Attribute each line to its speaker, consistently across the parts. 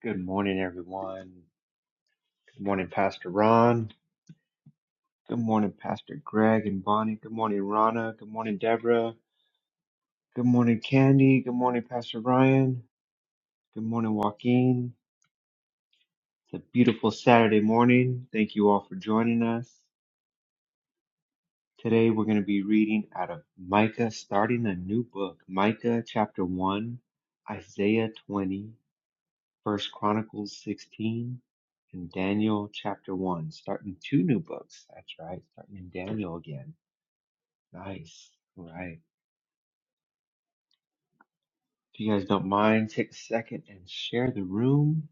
Speaker 1: Good morning, everyone. Good morning, Pastor Ron. Good morning, Pastor Greg and Bonnie. Good morning, Rana. Good morning, Deborah. Good morning, Candy. Good morning, Pastor Ryan. Good morning, Joaquin. It's a beautiful Saturday morning. Thank you all for joining us. Today, we're going to be reading out of Micah, starting a new book, Micah chapter 1, Isaiah 20. First Chronicles 16 and Daniel chapter 1. Starting two new books. That's right. Starting in Daniel again. Nice. All right. If you guys don't mind, take a second and share the room.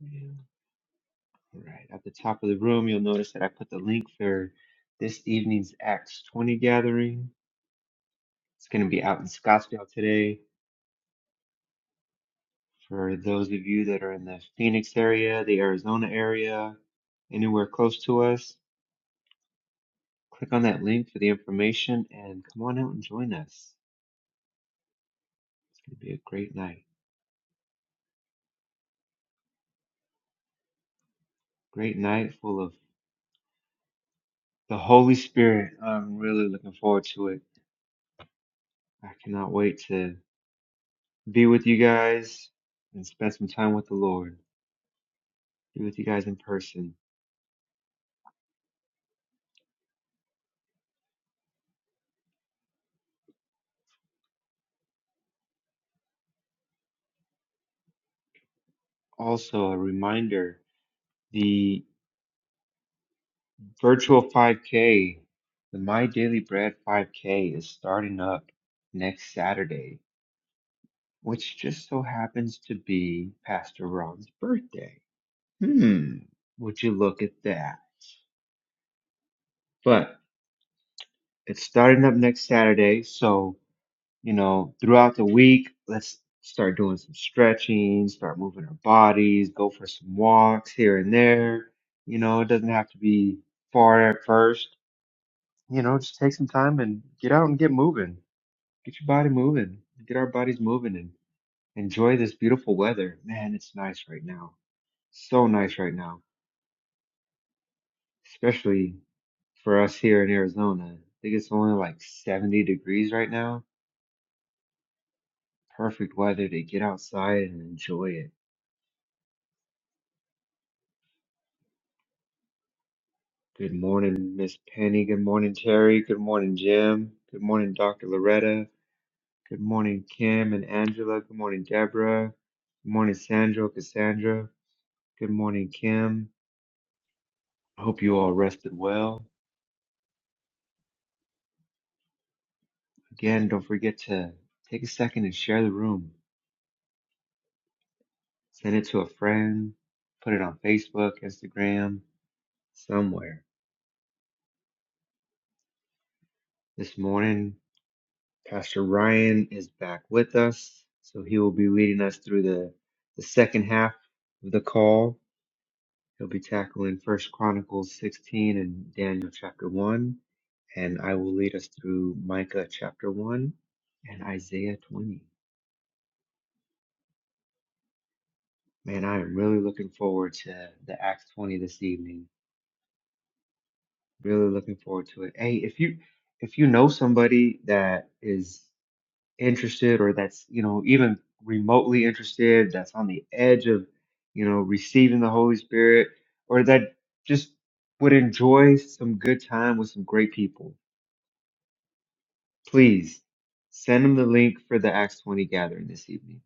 Speaker 1: Yeah. All right. At the top of the room, you'll notice that I put the link for this evening's Acts 20 gathering. It's going to be out in Scottsdale today. For those of you that are in the Phoenix area, the Arizona area, anywhere close to us, Click on that link for the information and come on out and join us. It's going to be a great night. Great night full of the Holy Spirit. I'm really looking forward to it. I cannot wait to be with you guys and spend some time with the Lord, be with you guys in person. Also, a reminder the virtual 5K, the My Daily Bread 5K, is starting up next Saturday, which just so happens to be Pastor Ron's birthday. Hmm, would you look at that? But it's starting up next Saturday, so you know, throughout the week, let's start doing some stretching, start moving our bodies, go for some walks here and there. You know, it doesn't have to be far at first. You know, just take some time and get out and get moving. Get your body moving. Get our bodies moving and enjoy this beautiful weather. Man, it's nice right now. So nice right now. especially for us here in Arizona. I think it's only like 70 degrees right now. Perfect weather to get outside and enjoy it. Good morning, Miss Penny. Good morning, Terry. Good morning, Jim. Good morning, Dr. Loretta. Good morning, Kim and Angela. Good morning, Deborah. Good morning, Sandra, Cassandra. Good morning, Kim. I hope you all rested well. Again, don't forget to take a second and share the room. Send it to a friend. Put it on Facebook, Instagram somewhere. This morning, Pastor Ryan is back with us, so he will be leading us through the, the second half of the call. He'll be tackling First Chronicles 16 and Daniel chapter 1, and I will lead us through Micah chapter 1 and Isaiah 20. Man, I am really looking forward to the Acts 20 this evening. Really looking forward to it. Hey, if you if you know somebody that is interested or that's, you know, even remotely interested, that's on the edge of, you know, receiving the Holy Spirit, or that just would enjoy some good time with some great people, please send them the link for the Acts 20 gathering this evening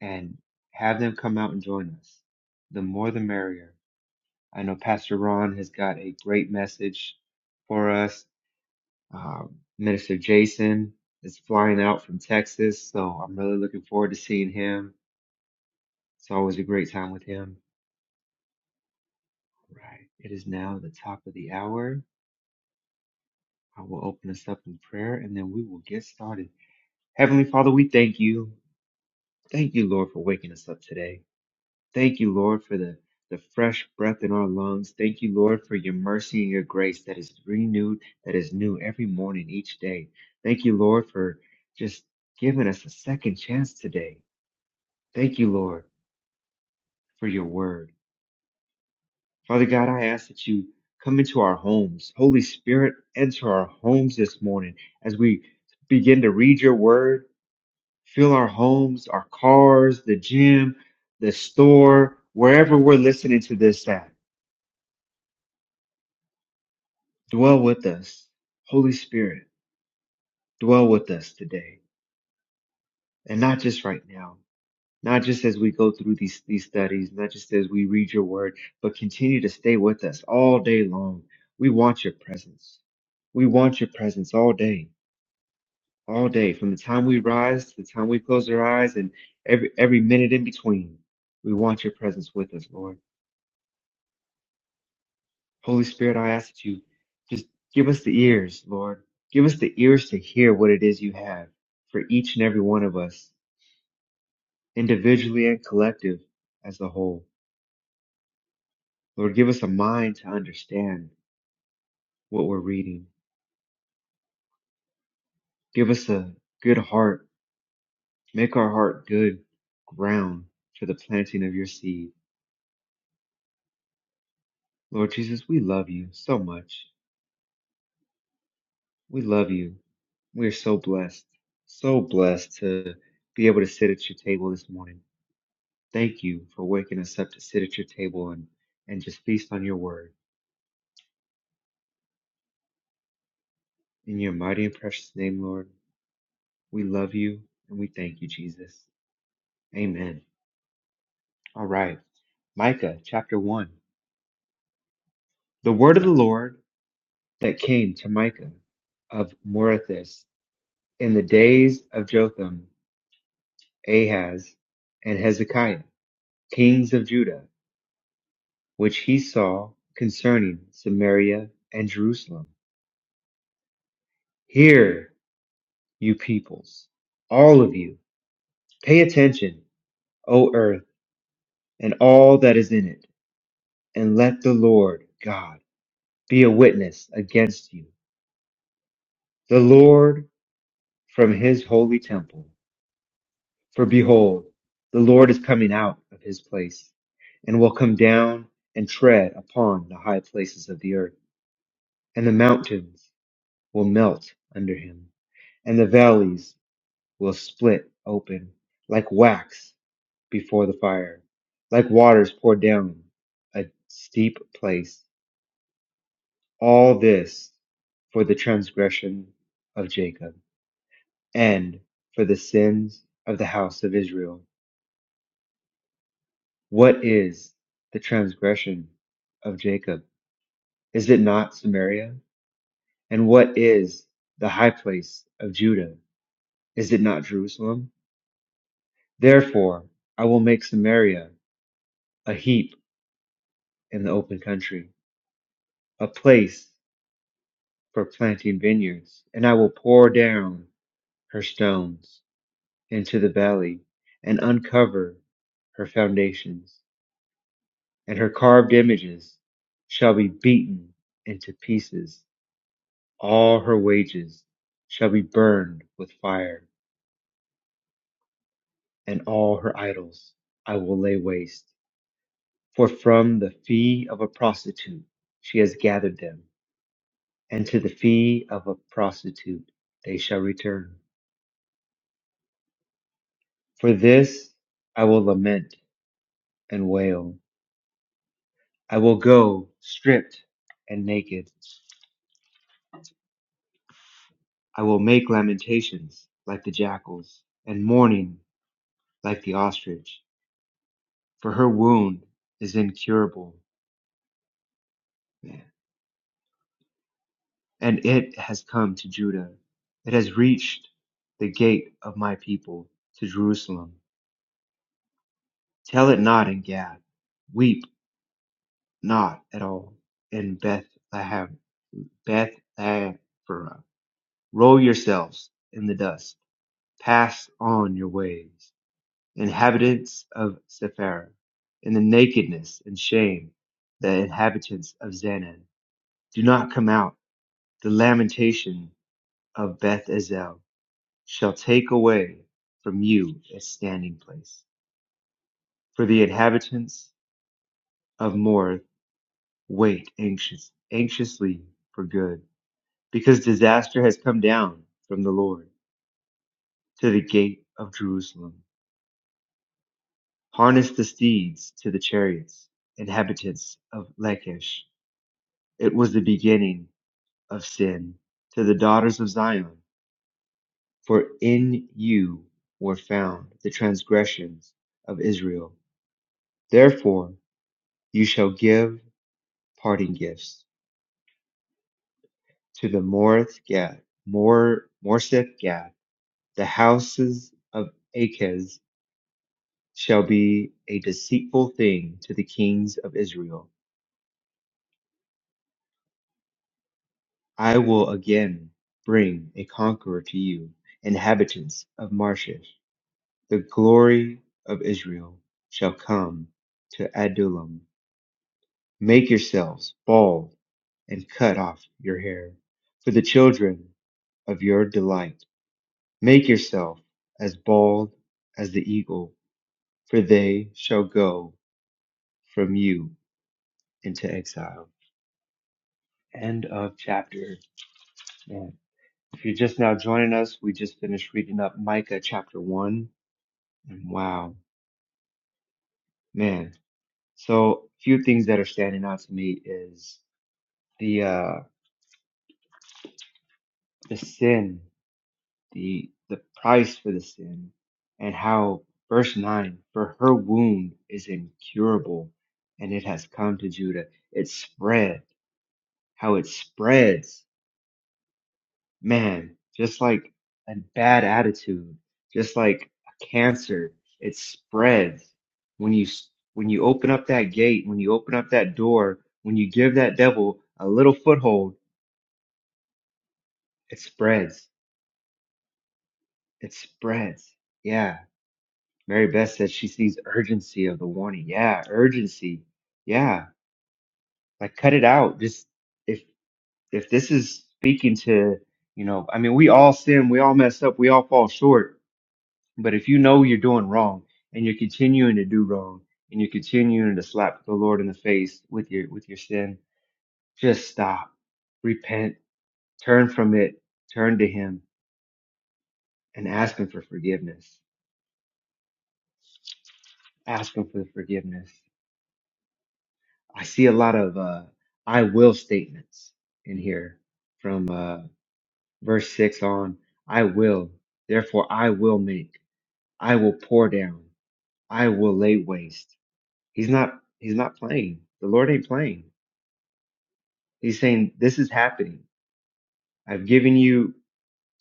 Speaker 1: and have them come out and join us. The more the merrier. I know Pastor Ron has got a great message for us. Um, Minister Jason is flying out from Texas, so I'm really looking forward to seeing him It's always a great time with him. All right. It is now the top of the hour. I will open us up in prayer and then we will get started. Heavenly Father, we thank you. Thank you, Lord, for waking us up today. Thank you, Lord, for the, the fresh breath in our lungs. Thank you, Lord, for your mercy and your grace that is renewed, that is new every morning, each day. Thank you, Lord, for just giving us a second chance today. Thank you, Lord, for your word. Father God, I ask that you come into our homes. Holy Spirit, enter our homes this morning as we begin to read your word. Fill our homes, our cars, the gym, the store, wherever we're listening to this at. Dwell with us. Holy Spirit, dwell with us today. And not just right now. Not just as we go through these, these studies, not just as we read your word, but continue to stay with us all day long. We want your presence. We want your presence all day. all day, from the time we rise to the time we close our eyes and every every minute in between. We want your presence with us, Lord. Holy Spirit, I ask that you just give us the ears, Lord. Give us the ears to hear what it is you have for each and every one of us, individually and collective as a whole. Lord, give us a mind to understand what we're reading. Give us a good heart. Make our heart good ground for the planting of your seed. Lord Jesus, we love you so much. We love you. We are so blessed, so blessed to be able to sit at your table this morning. Thank you for waking us up to sit at your table and, and just feast on your word. In your mighty and precious name, Lord, we love you and we thank you, Jesus. Amen. All right. Micah chapter 1. The word of the Lord that came to Micah of Morathis in the days of Jotham, Ahaz, and Hezekiah, kings of Judah which he saw concerning Samaria and Jerusalem. Hear, you peoples, all of you, pay attention, O earth, and all that is in it, and let the Lord God be a witness against you, the Lord from his holy temple. For behold, the Lord is coming out of his place, and will come down and tread upon the high places of the earth, and the mountains will melt under him and the valleys. will split open like wax before the fire, like waters poured down a steep place. All this for the transgression of Jacob and for the sins of the house of Israel. What is the transgression of Jacob? Is it not Samaria? And what is the high place of Judah? Is it not Jerusalem? Therefore, I will make Samaria a heap in the open country a place for planting vineyards, and I will pour down her stones into the valley and uncover her foundations, and her carved images shall be beaten into pieces. All her wages shall be burned with fire, and all her idols I will lay waste. For from the fee of a prostitute she has gathered them, and to the fee of a prostitute they shall return. For this I will lament and wail. I will go stripped and naked. I will make lamentations like the jackals, and mourning like the ostrich. For her wound is incurable, and it has come to Judah. It has reached the gate of my people, to Jerusalem. Tell it not in Gad. Weep not at all in Bethlehem, Bethlehem, Roll yourselves in the dust. Pass on your ways, inhabitants of Sephara, in the nakedness and shame, the inhabitants of Zanan. Do not come out. The lamentation of Beth Ezel shall take away from you a standing place. For the inhabitants of Morth wait anxious, anxiously for good, because disaster has come down from the Lord to the gate of Jerusalem. harnessed the steeds to the chariots, inhabitants of Lachish. It was the beginning of sin to the daughters of Zion, for in you were found the transgressions of Israel. Therefore you shall give parting gifts to the Morith Gad, Mor Morseth Gad. The houses of Achaz shall be a deceitful thing to the kings of Israel I will again bring a conqueror to you, inhabitants of Marshish. The glory of Israel shall come to Adullam. Make yourselves bald and cut off your hair for the children of your delight. Make yourself as bald as the eagle, for they shall go from you into exile. End of chapter. Man, if you're just now joining us, we just finished reading up Micah chapter 1 Wow, man. So few things that are standing out to me is the uh the sin, the the price for the sin, and how verse nine, for her wound is incurable, and it has come to Judah. It spread, how it spreads man, just like a bad attitude, just like a cancer, it spreads when you s- when you open up that gate, when you open up that door, when you give that devil a little foothold, it spreads. It spreads. Yeah. Mary Beth said she sees urgency of the warning. Yeah, urgency. Yeah. Like cut it out. Just if if this is speaking to, you know, I mean, we all sin, we all mess up, we all fall short But if you know you're doing wrong and you're continuing to do wrong and you're continuing to slap the Lord in the face with your with your sin, just stop, repent, turn from it, turn to Him, and ask Him for forgiveness. Ask Him for forgiveness. I see a lot of uh, "I will" statements in here from uh, verse six on. I will, therefore, I will make. I will pour down. I will lay waste. He's not. He's not playing. The Lord ain't playing He's saying, This is happening. I've given you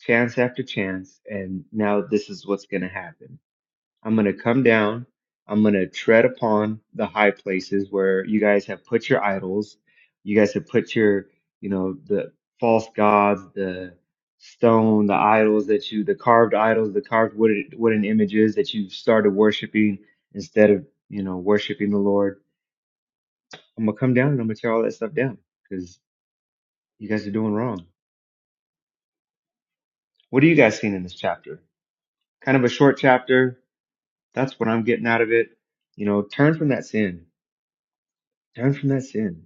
Speaker 1: chance after chance, and now this is what's going to happen. I'm going to come down. I'm going to tread upon the high places where you guys have put your idols. You guys have put your, you know, the false gods, the stone, the idols that you, the carved idols, the carved wooden, wooden images that you've started worshiping instead of, you know, worshiping the Lord. I'm going to come down and I'm going to tear all that stuff down because you guys are doing wrong. What are you guys seeing in this chapter? Kind of a short chapter. That's what I'm getting out of it. You know, turn from that sin. Turn from that sin.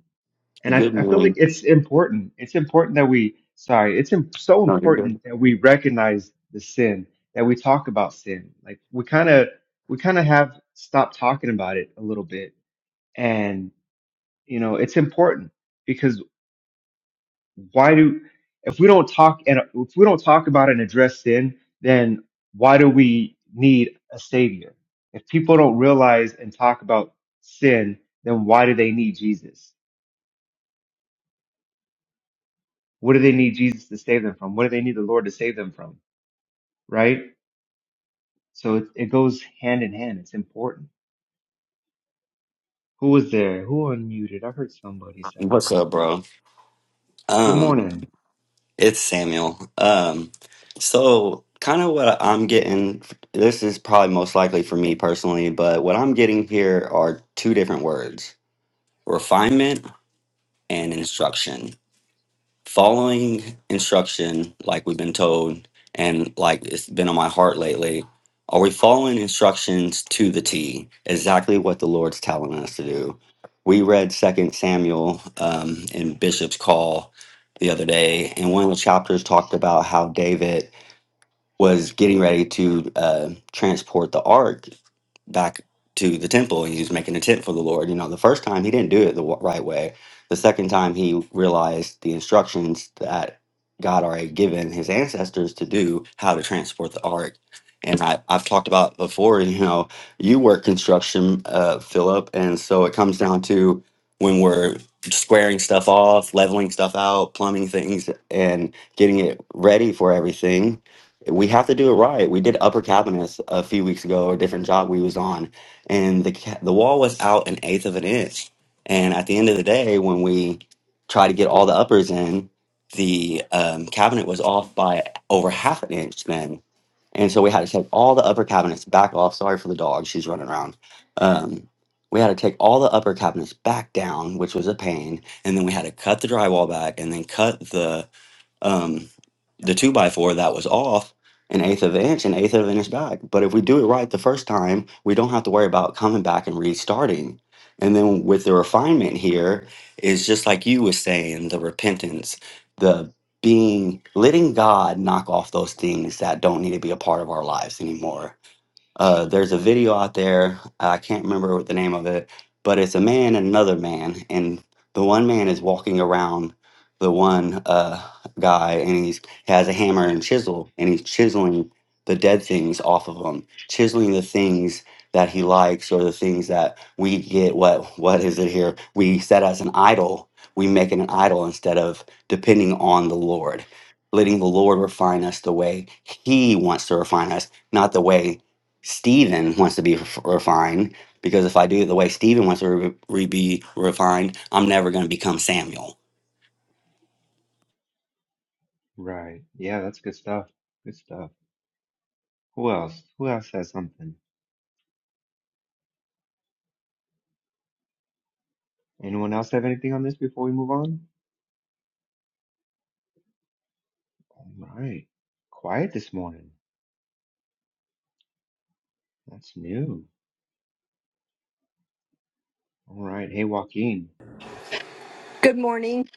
Speaker 1: And I,
Speaker 2: Good
Speaker 1: I feel like
Speaker 2: morning.
Speaker 1: it's important. It's important that we, sorry, it's im- so
Speaker 2: No, you're good.
Speaker 1: important that we recognize the sin, that we talk about sin. Like we kind of, we kind of have stopped talking about it a little bit. And, you know, it's important because. why do if we don't talk and if we don't talk about it and address sin, then why do we need a savior? If people don't realize and talk about sin, then why do they need Jesus? What do they need Jesus to save them from? What do they need the Lord to save them from? Right? So it, it goes hand in hand. It's important. Who was there? Who unmuted? I heard somebody a second
Speaker 2: What's up,
Speaker 1: ago.
Speaker 2: bro?
Speaker 1: Good
Speaker 2: Um,
Speaker 1: morning.
Speaker 2: it's Samuel. Um, so kind of what I'm getting, this is probably most likely for me personally, but what I'm getting here are two different words, refinement and instruction. following instruction like we've been told and like it's been on my heart lately are we following instructions to the t exactly what the lord's telling us to do we read second samuel um, in bishop's call the other day and one of the chapters talked about how david was getting ready to uh, transport the ark back to the temple and he was making a tent for the Lord. You know, the first time he didn't do it the wa- right way. The second time he realized the instructions that God already given his ancestors to do how to transport the ark. And I, I've talked about before, you know, you work construction, uh, Philip. And so it comes down to when we're squaring stuff off, leveling stuff out, plumbing things, and getting it ready for everything we have to do it right. We did upper cabinets a few weeks ago, a different job we was on, and the ca- the wall was out an eighth of an inch. And at the end of the day, when we tried to get all the uppers in, the um, cabinet was off by over half an inch then. And so we had to take all the upper cabinets back off. Sorry for the dog; she's running around. Um, we had to take all the upper cabinets back down, which was a pain. And then we had to cut the drywall back, and then cut the um, the two by four that was off an eighth of an inch, an eighth of an inch back. But if we do it right the first time, we don't have to worry about coming back and restarting. And then with the refinement here is just like you was saying, the repentance, the being letting God knock off those things that don't need to be a part of our lives anymore uh, there's a video out there. I can't remember what the name of it, but it's a man and another man, and the one man is walking around the one uh, guy, and he's he has a hammer and chisel, and he's chiseling the dead things off of him, chiseling the things that he likes or the things that we get. What what is it here? We set as an idol. We make it an idol instead of depending on the Lord, letting the Lord refine us the way He wants to refine us, not the way Stephen wants to be ref- refined because if I do it the way Stephen wants to re- re- be refined, I'm never going to become Samuel.
Speaker 1: Right. Yeah, that's good stuff. Good stuff. Who else? Who else has something? Anyone else have anything on this before we move on? All right. Quiet this morning. That's new. All right. Hey, Joaquin.
Speaker 3: Good morning.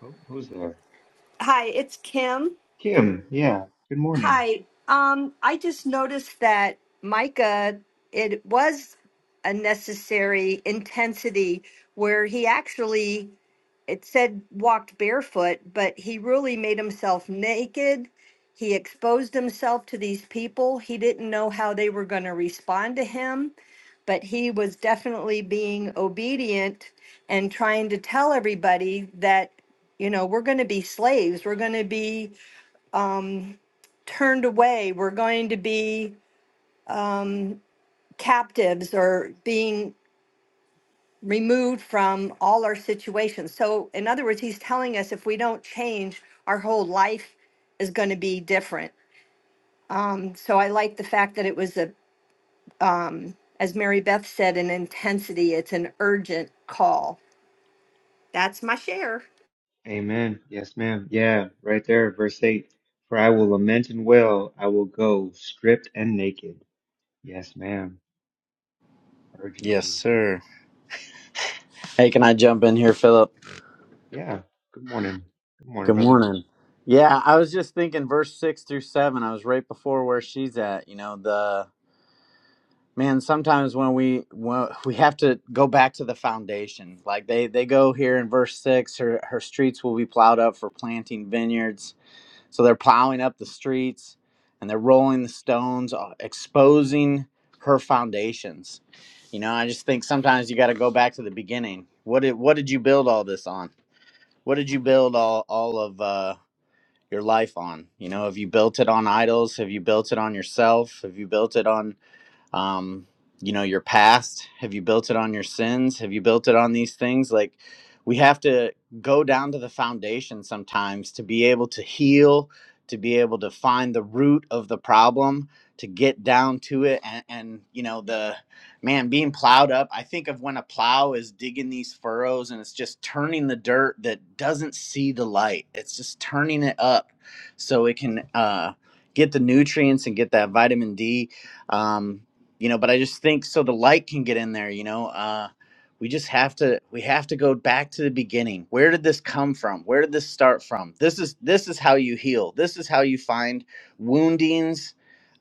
Speaker 1: Who- Who's there?
Speaker 3: Hi, it's Kim.
Speaker 1: Kim. Yeah. Good morning.
Speaker 3: Hi. Um, I just noticed that Micah, it was a necessary intensity where he actually it said walked barefoot, but he really made himself naked. He exposed himself to these people. He didn't know how they were going to respond to him, but he was definitely being obedient and trying to tell everybody that, you know, we're going to be slaves. We're going to be um, turned away. We're going to be um, captives or being removed from all our situations. So, in other words, he's telling us if we don't change, our whole life is going to be different. Um, so, I like the fact that it was a, um, as Mary Beth said, an intensity. It's an urgent call. That's my share.
Speaker 1: Amen. Yes, ma'am. Yeah. Right there. Verse 8. For I will lament and wail. I will go stripped and naked. Yes, ma'am.
Speaker 4: Yes,
Speaker 1: Urgency.
Speaker 4: sir. Hey, can I jump in here, Philip?
Speaker 1: Yeah. Good morning. Good morning,
Speaker 4: Good
Speaker 1: brother.
Speaker 4: morning. Yeah, I was just thinking verse 6 through 7. I was right before where she's at, you know, the man sometimes when we when we have to go back to the foundation. Like they they go here in verse 6, her her streets will be plowed up for planting vineyards. So they're plowing up the streets and they're rolling the stones, uh, exposing her foundations. You know, I just think sometimes you got to go back to the beginning. What did what did you build all this on? What did you build all all of uh, your life on? You know, have you built it on idols? Have you built it on yourself? Have you built it on um, you know your past have you built it on your sins have you built it on these things like we have to go down to the foundation sometimes to be able to heal to be able to find the root of the problem to get down to it and, and you know the man being plowed up i think of when a plow is digging these furrows and it's just turning the dirt that doesn't see the light it's just turning it up so it can uh, get the nutrients and get that vitamin d Um, you know but i just think so the light can get in there you know uh we just have to we have to go back to the beginning where did this come from where did this start from this is this is how you heal this is how you find woundings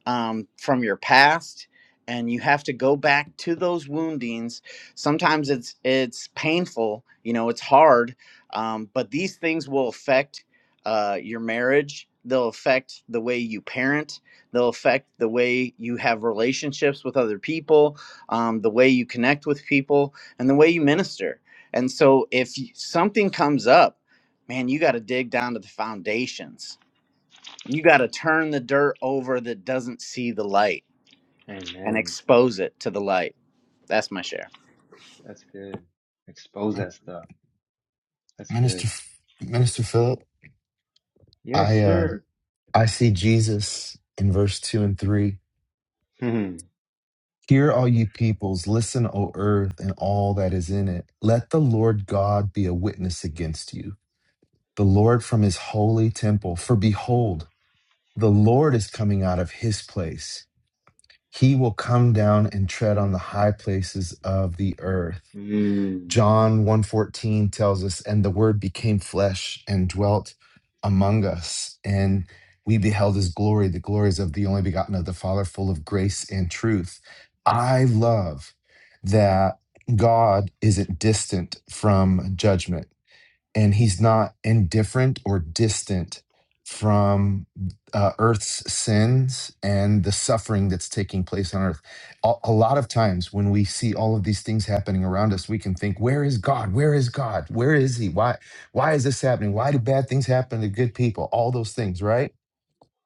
Speaker 4: um, from your past and you have to go back to those woundings sometimes it's it's painful you know it's hard um, but these things will affect uh, your marriage they'll affect the way you parent they'll affect the way you have relationships with other people um, the way you connect with people and the way you minister and so if y- something comes up man you got to dig down to the foundations you got to turn the dirt over that doesn't see the light and
Speaker 1: Amen.
Speaker 4: expose it to the light. That's my share.
Speaker 1: That's good. Expose that stuff. That's
Speaker 5: Minister
Speaker 1: good.
Speaker 5: Minister Philip,
Speaker 1: Yes,
Speaker 5: I uh
Speaker 1: sir.
Speaker 5: I see Jesus in verse 2 and 3.
Speaker 1: Hmm.
Speaker 5: Hear all you peoples, listen O earth and all that is in it. Let the Lord God be a witness against you. The Lord from his holy temple, for behold, the Lord is coming out of his place. He will come down and tread on the high places of the earth.
Speaker 1: Mm.
Speaker 5: John one fourteen tells us and the word became flesh and dwelt among us and we beheld his glory the glories of the only begotten of the father full of grace and truth i love that god isn't distant from judgment and he's not indifferent or distant from uh, earth's sins and the suffering that's taking place on earth a, a lot of times when we see all of these things happening around us we can think where is god where is god where is he why why is this happening why do bad things happen to good people all those things right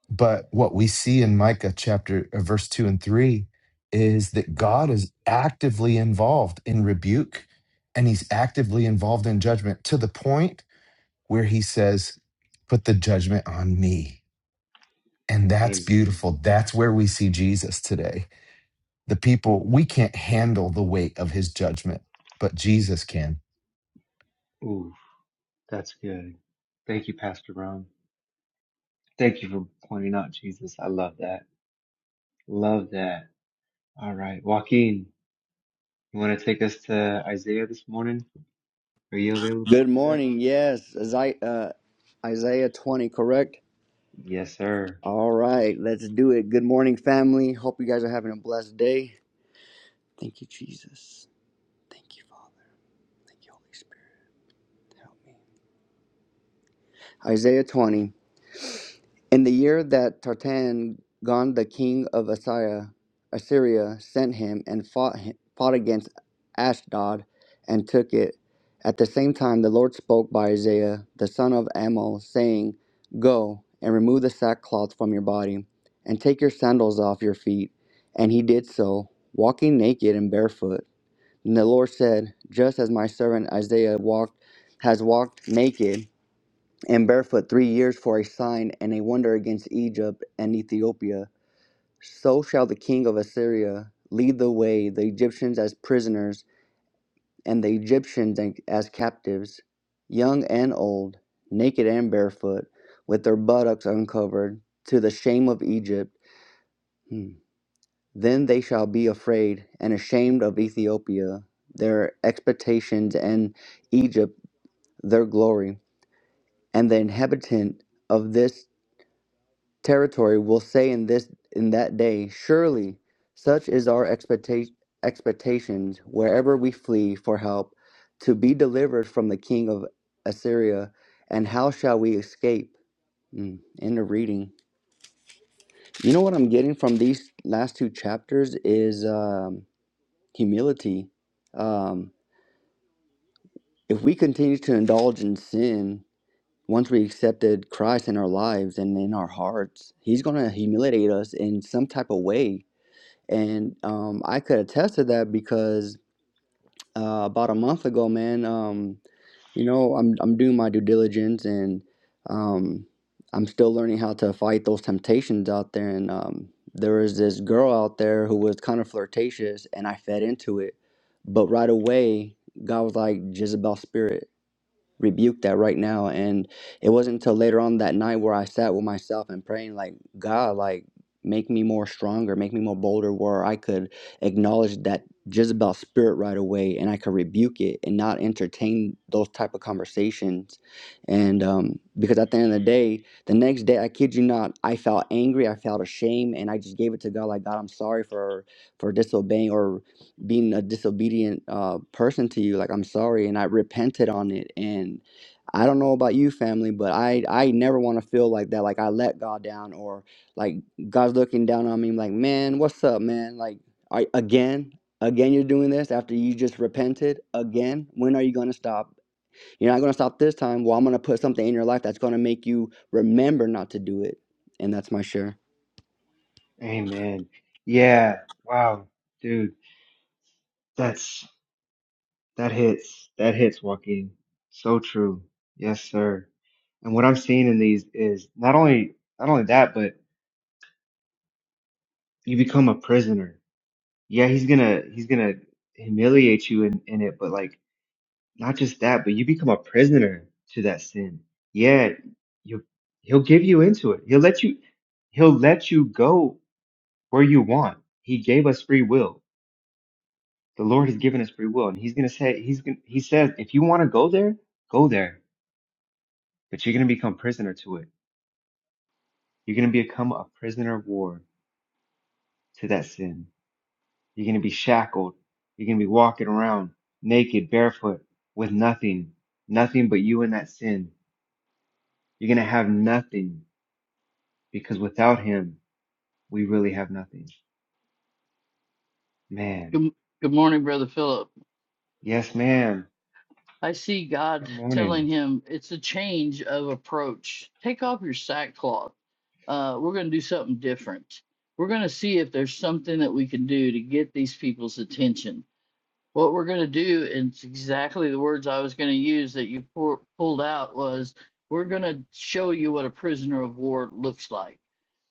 Speaker 5: but what we see in micah chapter uh, verse 2 and 3 is that god is actively involved in rebuke and he's actively involved in judgment to the point where he says, Put the judgment on me. And that's
Speaker 1: Amen.
Speaker 5: beautiful. That's where we see Jesus today. The people, we can't handle the weight of his judgment, but Jesus can.
Speaker 1: Ooh, that's good. Thank you, Pastor Ron. Thank you for pointing out Jesus. I love that. Love that. All right, Joaquin, you want to take us to Isaiah this morning? Are you available to
Speaker 6: Good
Speaker 1: do that?
Speaker 6: morning. Yes, Isaiah, uh, Isaiah 20, correct?
Speaker 1: Yes, sir.
Speaker 6: All right, let's do it. Good morning, family. Hope you guys are having a blessed day. Thank you, Jesus. Thank you, Father. Thank you, Holy Spirit. Help me. Isaiah 20. In the year that Tartan, Gon the king of Assyria, Assyria sent him and fought, hi- fought against Ashdod and took it. At the same time, the Lord spoke by Isaiah the son of Amoz, saying, Go and remove the sackcloth from your body, and take your sandals off your feet. And he did so, walking naked and barefoot. And the Lord said, Just as my servant Isaiah walked, has walked naked and barefoot three years for a sign and a wonder against Egypt and Ethiopia. So shall the king of Assyria lead the way, the Egyptians as prisoners, and the Egyptians as captives, young and old, naked and barefoot, with their buttocks uncovered, to the shame of Egypt. Hmm. Then they shall be afraid and ashamed of Ethiopia, their expectations, and Egypt, their glory. And the inhabitant of this territory will say in this in that day surely such is our expectation expectations wherever we flee for help to be delivered from the king of assyria and how shall we escape mm, end of reading you know what i'm getting from these last two chapters is um, humility um, if we continue to indulge in sin once we accepted christ in our lives and in our hearts he's going to humiliate us in some type of way And um, I could attest to that because uh, about a month ago, man, um, you know, I'm, I'm doing my due diligence and um, I'm still learning how to fight those temptations out there. And um, there was this girl out there who was kind of flirtatious and I fed into it. But right away, God was like, Jezebel spirit rebuke that right now. And it wasn't until later on that night where I sat with myself and praying, like, God, like, make me more stronger, make me more bolder, where I could acknowledge that Jezebel spirit right away and I could rebuke it and not entertain those type of conversations. And um, because at the end of the day, the next day, I kid you not, I felt angry, I felt ashamed, and I just gave it to God, like, God, I'm sorry for for disobeying or being a disobedient uh, person to you like i'm sorry and i repented on it and i don't know about you family but i i never want to feel like that like i let god down or like god's looking down on me like man what's up man like I, again again you're doing this after you just repented again when are you going to stop you're not going to stop this time well i'm going to put something in your life that's going to make you remember not to do it and that's my share
Speaker 1: Amen. Yeah. Wow, dude, that's that hits. That hits, Joaquin. So true. Yes, sir. And what I'm seeing in these is not only not only that, but you become a prisoner yeah, he's gonna he's gonna humiliate you in, in it, but like not just that, but you become a prisoner to that sin. Yeah, you he'll give you into it. He'll let you he'll let you go where you want. He gave us free will. The Lord has given us free will, and he's gonna say he's gonna he says if you want to go there, go there, but you're gonna become prisoner to it. You're gonna become a prisoner of war to that sin You're going to be shackled. You're going to be walking around naked, barefoot, with nothing, nothing but you and that sin. You're going to have nothing because without him, we really have nothing. Man.
Speaker 7: Good, good morning, Brother Philip.
Speaker 1: Yes, ma'am.
Speaker 7: I see
Speaker 1: Good
Speaker 7: God
Speaker 1: morning.
Speaker 7: telling him it's a change of approach. Take off your sackcloth. Uh, we're going to do something different. We're going to see if there's something that we can do to get these people's attention what we're going to do and it's exactly the words i was going to use that you pour, pulled out was we're going to show you what a prisoner of war looks like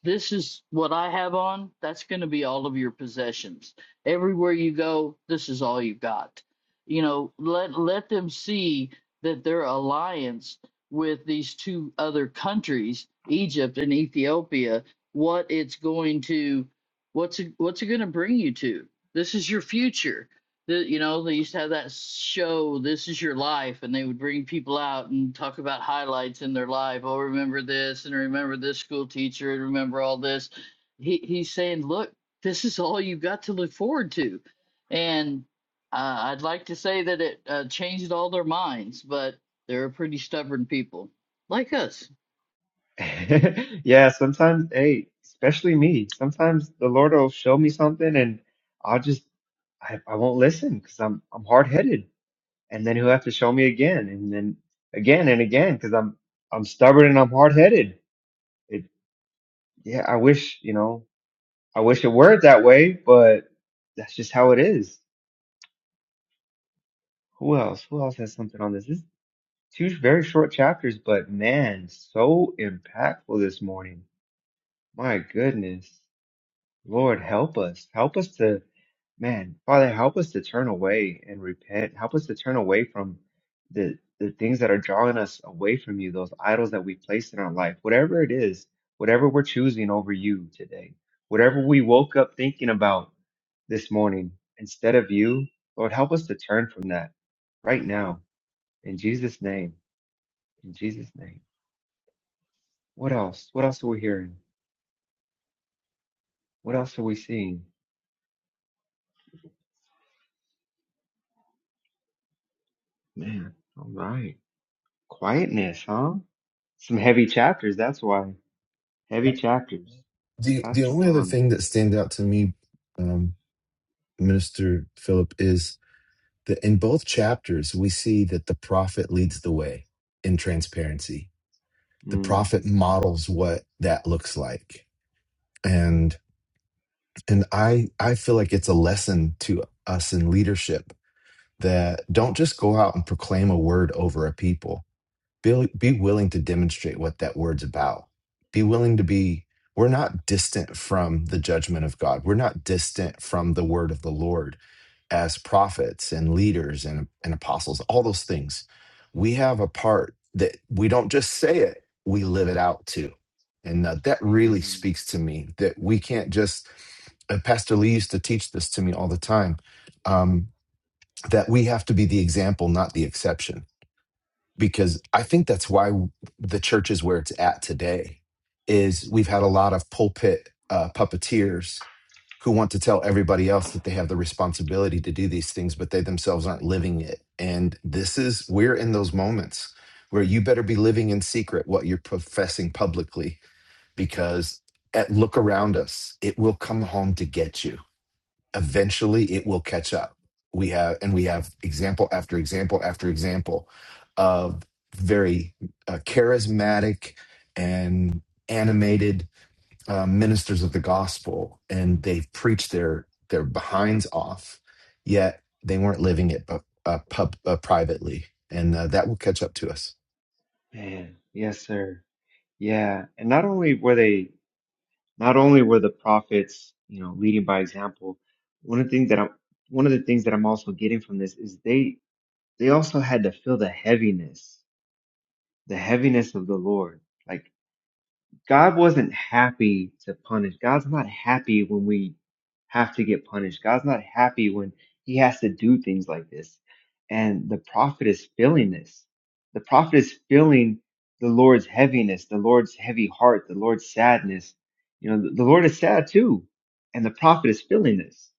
Speaker 7: this is what i have on that's going to be all of your possessions everywhere you go this is all you got you know let let them see that their alliance with these two other countries egypt and ethiopia what it's going to what's it, what's it going to bring you to this is your future the, you know they used to have that show this is your life and they would bring people out and talk about highlights in their life oh remember this and remember this school teacher and remember all this he, he's saying look this is all you have got to look forward to and uh, i'd like to say that it uh, changed all their minds but they're pretty stubborn people like us
Speaker 1: yeah, sometimes, hey, especially me, sometimes the Lord will show me something and I'll just, I, I won't listen because I'm, I'm hard headed. And then he'll have to show me again and then again and again because I'm, I'm stubborn and I'm hard headed yeah, I wish, you know, I wish it were that way, but that's just how it is. Who else? Who else has something on this? This is two very short chapters, but man, so impactful this morning. My goodness. Lord, help us. Help us to, man, Father, help us to turn away and repent. Help us to turn away from the the things that are drawing us away from you, those idols that we place in our life, whatever it is, whatever we're choosing over you today, whatever we woke up thinking about this morning instead of you, Lord, help us to turn from that right now in Jesus' name. In Jesus' name. What else? What else are we hearing? What else are we seeing? Man, all right. Quietness, huh? Some heavy chapters, that's why. Heavy chapters.
Speaker 5: The, the
Speaker 1: Pastor
Speaker 5: only other
Speaker 1: Ron.
Speaker 5: thing that stands out to me, um, Minister Philip, is The, in both chapters, we see that the prophet leads the way in transparency. The
Speaker 1: Mm.
Speaker 5: prophet models what that looks like. And and I I feel like it's a lesson to us in leadership that don't just go out and proclaim a word over a people. Be, be willing to demonstrate what that word's about. Be willing to be we're not distant from the judgment of God. We're not distant from the word of the Lord as prophets and leaders and, and apostles, all those things, we have a part that we don't just say it, we live it out too. And uh, that really
Speaker 1: Amen.
Speaker 5: speaks to me that we can't just, uh, Pastor Lee used to teach this to me all the time, um, that we have to be the example, not the exception because I think that's why the church is where it's at today. Is we've had a lot of pulpit uh, puppeteers who want to tell everybody else that they have the responsibility to do these things, but they themselves aren't living it. And this is we're in those moments where you better be living in secret what you're professing publicly, because at look around us, it will come home to get you eventually it will catch up. We have, and we have example after example after example of very uh, charismatic and animated uh, ministers of the gospel, and they've preached their their behinds off, yet they weren't living it, but uh, pub, uh, privately, and uh, that will catch up to us.
Speaker 1: Man, yes, sir. Yeah. And not only were they, not only were the prophets, you know, leading by example, one of the things that I'm, one of the things that I'm also getting from this is they, they also had to feel the heaviness, the heaviness of the Lord. Like God wasn't happy to punish. God's not happy when we have to get punished. God's not happy when he has to do things like this. And the prophet is feeling this. The prophet is feeling the Lord's heaviness, the Lord's heavy heart, the Lord's sadness. You know, the, the Lord is sad too. And the prophet is feeling this.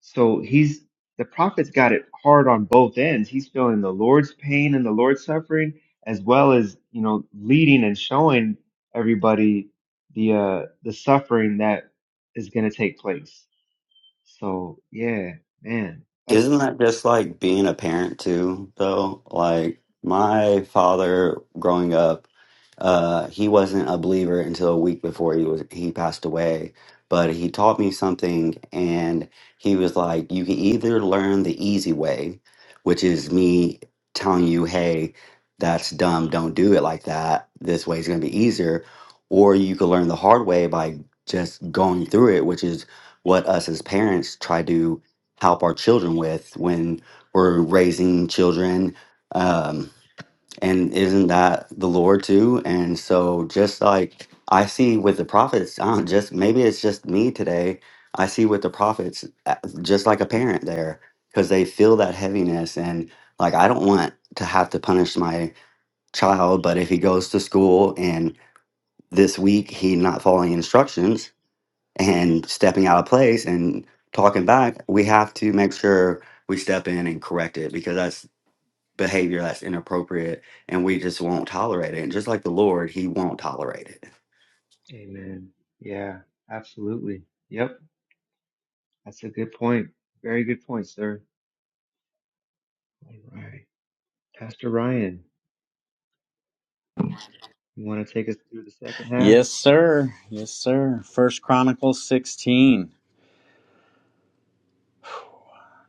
Speaker 1: So he's the prophet's got it hard on both ends. He's feeling the Lord's pain and the Lord's suffering, as well as you know leading and showing everybody the uh, the suffering that is going to take place. So yeah, man,
Speaker 2: Isn't
Speaker 1: that's
Speaker 2: that just like being a parent too, though? Like my father growing up, uh, he wasn't a believer until a week before he was he passed away. But he taught me something, and he was like, "You can either learn the easy way, which is me telling you, hey, that's dumb. Don't do it like that. This way is going to be easier, or you can learn the hard way by just going through it, which is what us as parents try to." help our children with when we're raising children. Um, and isn't that the Lord too? And so, just like I see with the prophets, I don't just maybe it's just me today. I see with the prophets, uh, just like a parent there, because they feel that heaviness. And like, I don't want to have to punish my child, but if he goes to school and this week he not following instructions, and stepping out of place and talking back, we have to make sure we step in and correct it because that's behavior that's inappropriate and we just won't tolerate it. And just like the Lord, He won't tolerate it.
Speaker 1: amen. Yeah, absolutely. Yep, that's a good point. Very good point, sir. All right, Pastor Ryan, you want to take us through the second half?
Speaker 4: Yes, sir. Yes, sir. First Chronicles 16.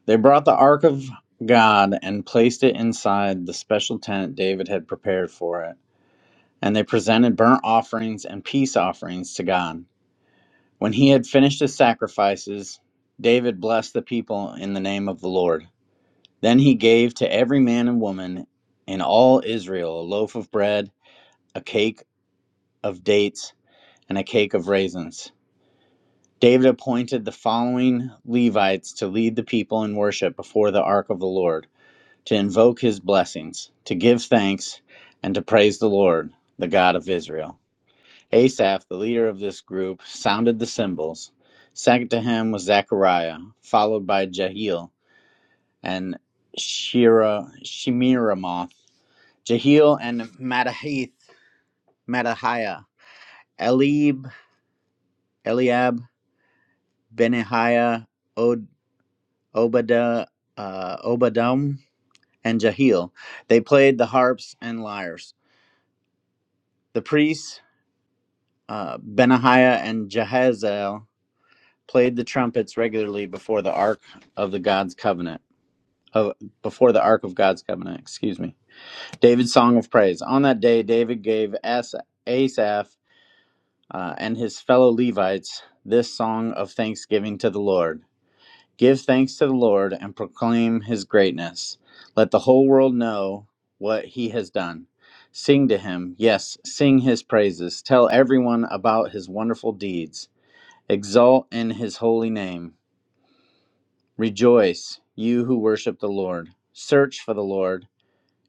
Speaker 4: They brought the ark of God and placed it inside the special tent David had prepared for it. And they presented burnt offerings and peace offerings to God. When he had finished his sacrifices, David blessed the people in the name of the Lord. Then he gave to every man and woman in all Israel a loaf of bread a cake of dates, and a cake of raisins. David appointed the following Levites to lead the people in worship before the ark of the Lord, to invoke his blessings, to give thanks, and to praise the Lord, the God of Israel. Asaph, the leader of this group, sounded the cymbals. Second to him was Zechariah, followed by Jehiel and Shira, Shemiramoth, Jehiel and Mattahith, Mattahiah, Elib, Eliab, Benahiah, Od- Obadiah, uh, Obadam, and Jahiel. They played the harps and lyres. The priests, uh, Benahiah and Jehaziel, played the trumpets regularly before the ark of the God's covenant. Oh, before the ark of God's covenant, excuse me. David's song of praise. On that day, David gave As- Asaph uh, and his fellow Levites this song of thanksgiving to the Lord. Give thanks to the Lord and proclaim his greatness. Let the whole world know what he has done. Sing to him, yes, sing his praises. Tell everyone about his wonderful deeds. Exalt in his holy name. Rejoice, you who worship the Lord. Search for the Lord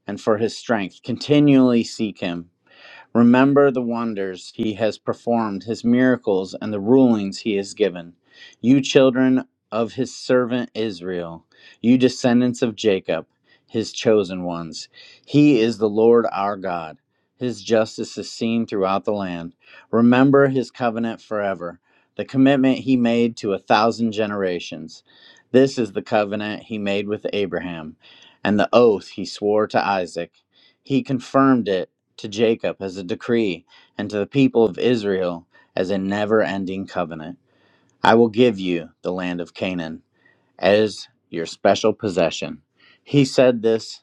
Speaker 4: and for his strength. Continually seek him. Remember the wonders he has performed, his miracles, and the rulings he has given. You children of his servant Israel, you descendants of Jacob, his chosen ones. He is the Lord our God. His justice is seen throughout the land. Remember his covenant forever, the commitment he made to a thousand generations. This is the covenant he made with Abraham, and the oath he swore to Isaac. He confirmed it to Jacob as a decree, and to the people of Israel as a never ending covenant. I will give you the land of Canaan as your special possession. He said this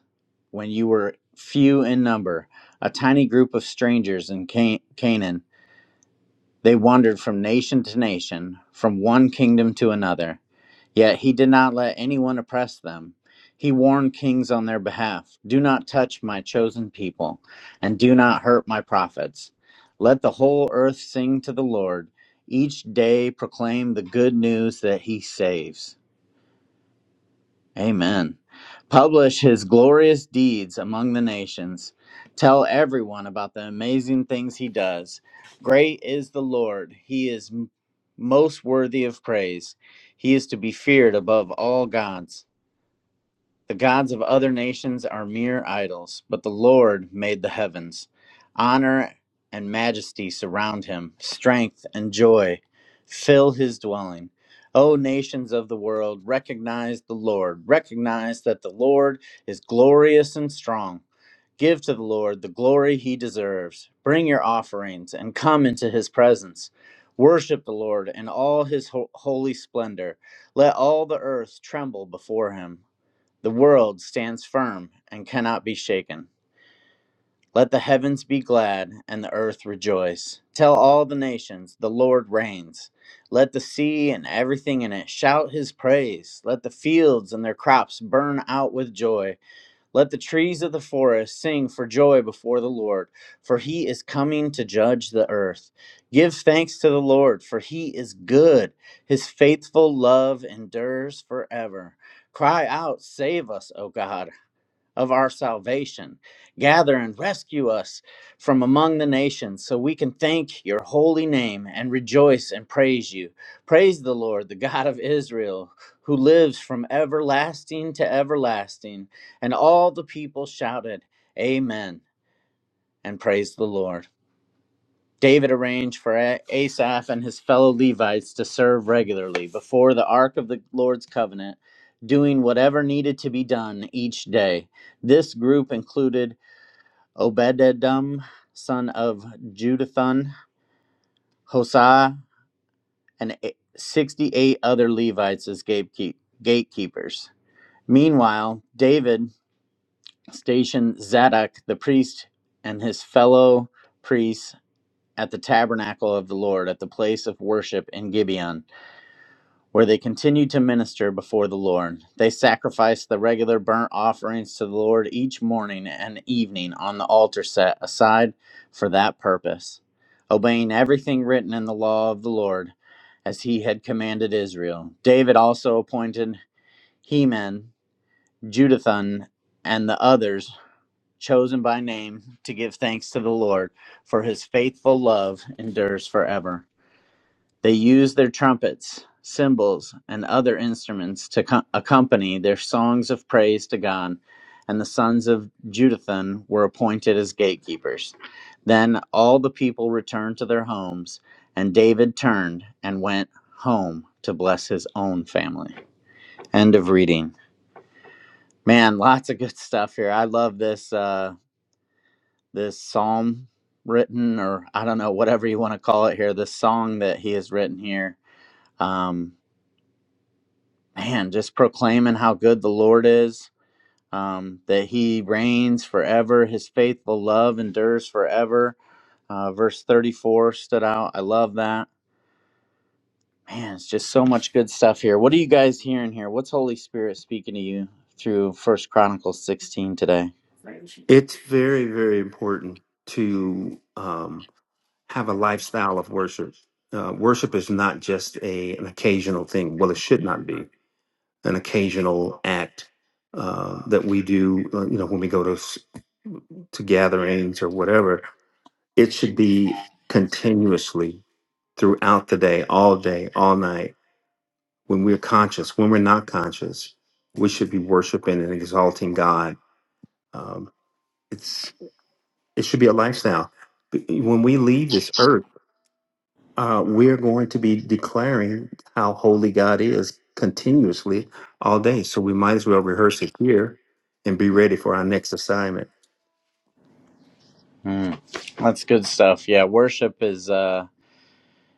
Speaker 4: when you were few in number, a tiny group of strangers in Ca- Canaan. They wandered from nation to nation, from one kingdom to another. Yet he did not let anyone oppress them. He warned kings on their behalf Do not touch my chosen people, and do not hurt my prophets. Let the whole earth sing to the Lord. Each day proclaim the good news that he saves. Amen. Publish his glorious deeds among the nations. Tell everyone about the amazing things he does. Great is the Lord. He is m- most worthy of praise. He is to be feared above all gods. The gods of other nations are mere idols, but the Lord made the heavens. Honor and majesty surround him, strength and joy fill his dwelling. O nations of the world, recognize the Lord. Recognize that the Lord is glorious and strong. Give to the Lord the glory he deserves. Bring your offerings and come into his presence. Worship the Lord in all his ho- holy splendor. Let all the earth tremble before him. The world stands firm and cannot be shaken. Let the heavens be glad and the earth rejoice. Tell all the nations, the Lord reigns. Let the sea and everything in it shout his praise. Let the fields and their crops burn out with joy. Let the trees of the forest sing for joy before the Lord, for he is coming to judge the earth. Give thanks to the Lord, for he is good. His faithful love endures forever. Cry out, Save us, O God of our salvation. Gather and rescue us from among the nations so we can thank your holy name and rejoice and praise you. Praise the Lord, the God of Israel, who lives from everlasting to everlasting. And all the people shouted, Amen, and praised the Lord. David arranged for A- Asaph and his fellow Levites to serve regularly before the ark of the Lord's covenant, doing whatever needed to be done each day. This group included Obededom, son of Judathun, Hosah, and e- 68 other Levites as gatekeep- gatekeepers. Meanwhile, David stationed Zadok the priest and his fellow priests at the tabernacle of the Lord at the place of worship in Gibeon where they continued to minister before the Lord. They sacrificed the regular burnt offerings to the Lord each morning and evening on the altar set aside for that purpose, obeying everything written in the law of the Lord as he had commanded Israel. David also appointed Heman, Jeduthun, and the others chosen by name to give thanks to the Lord, for his faithful love endures forever. They used their trumpets, cymbals, and other instruments to co- accompany their songs of praise to God, and the sons of Jeduthun were appointed as gatekeepers. Then all the people returned to their homes, and David turned and went home to bless his own family. End of reading. Man, lots of good stuff here. I love this uh, this psalm written, or I don't know, whatever you want to call it here. This song that he has written here. Um, man, just proclaiming how good the Lord is, um, that he reigns forever, his faithful love endures forever. Uh, verse 34 stood out. I love that. Man, it's just so much good stuff here. What are you guys hearing here? What's Holy Spirit speaking to you through First Chronicles 16 today?
Speaker 8: It's very, very important to um, have a lifestyle of worship. Uh, worship is not just a an occasional thing. Well, it should not be an occasional act uh, that we do. Uh, you know, when we go to s- to gatherings or whatever, it should be continuously throughout the day, all day, all night. When we're conscious, when we're not conscious, we should be worshiping and exalting God. Um, it's It should be a lifestyle. When we leave this earth, uh, we're going to be declaring how holy God is continuously all day. So we might as well rehearse it here and be ready for our next assignment.
Speaker 4: Hmm. that's good stuff. Yeah, worship is uh,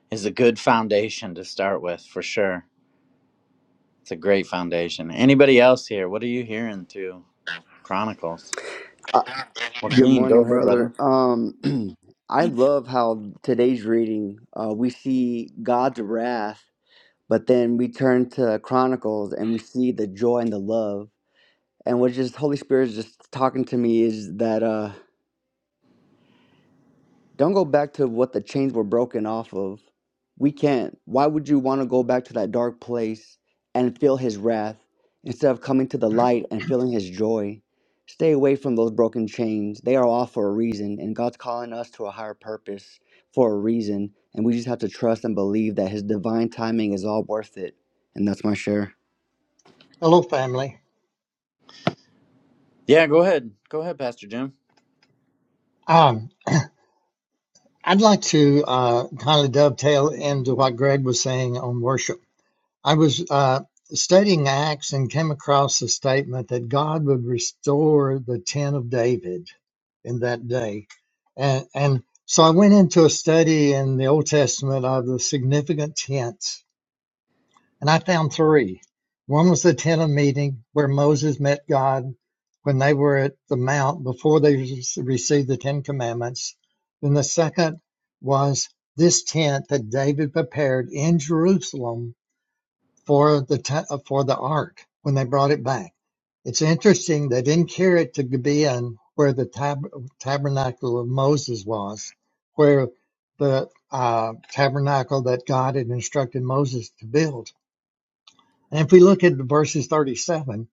Speaker 4: is a good foundation to start with for sure. It's a great foundation. Anybody else here? What are you hearing through Chronicles?
Speaker 6: Good
Speaker 4: Joaquin, go
Speaker 6: morning,
Speaker 4: ahead,
Speaker 6: brother.
Speaker 4: brother.
Speaker 6: Um, I love how today's reading uh, we see God's wrath, but then we turn to Chronicles and we see the joy and the love. And what just Holy Spirit is just talking to me is that. Uh, Don't go back to what the chains were broken off of. We can't. Why would you want to go back to that dark place and feel his wrath instead of coming to the light and feeling his joy? Stay away from those broken chains. They are all for a reason, and God's calling us to a higher purpose for a reason, and we just have to trust and believe that his divine timing is all worth it. And that's my share.
Speaker 9: Hello, family.
Speaker 4: Yeah, go ahead. Go ahead, Pastor Jim.
Speaker 9: Um, I'd like to uh, kind of dovetail into what Greg was saying on worship. I was uh, studying Acts and came across the statement that God would restore the tent of David in that day, and and so I went into a study in the Old Testament of the significant tents And I found three. One was the tent of meeting where Moses met God when they were at the mount before they received the Ten Commandments. Then the second was this tent that David prepared in Jerusalem for the te- uh, for the ark when they brought it back. It's interesting they didn't carry it to Gibeon where the tab- tabernacle of Moses was, where the uh, tabernacle that God had instructed Moses to build and if we look at verses 37,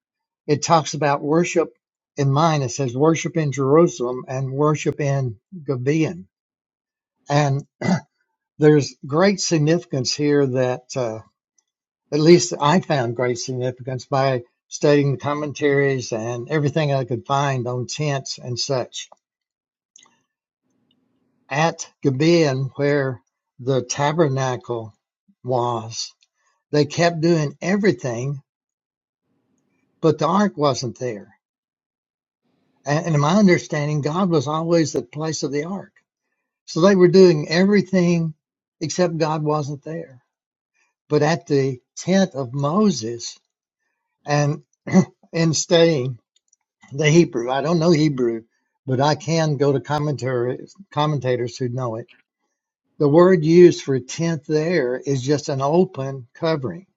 Speaker 9: it talks about worship in mind. It says worship in Jerusalem and worship in Gibeon. And there's great significance here that, uh, at least I found great significance by studying the commentaries and everything I could find on tents and such. At Gibeon, where the tabernacle was, they kept doing everything, but the ark wasn't there And, and in my understanding, God was always the place of the ark. So they were doing everything except God wasn't there. But at the tent of Moses and in studying the Hebrew, I don't know Hebrew, but I can go to commentaries, commentators who know it. The word used for tent there is just an open covering.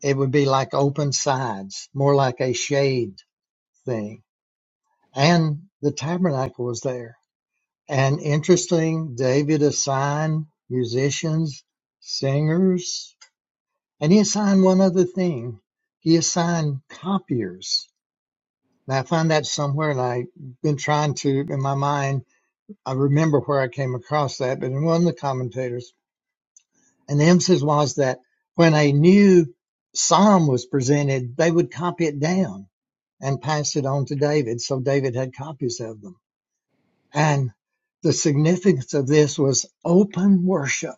Speaker 9: It would be like open sides, more like a shade thing. And the tabernacle was there And interesting, David assigned musicians, singers, and he assigned one other thing. He assigned copiers. Now I found that somewhere, and I've been trying to, in my mind, I remember where I came across that, but in one of the commentators, and the emphasis was that when a new psalm was presented, they would copy it down and pass it on to David. So David had copies of them. And the significance of this was open worship.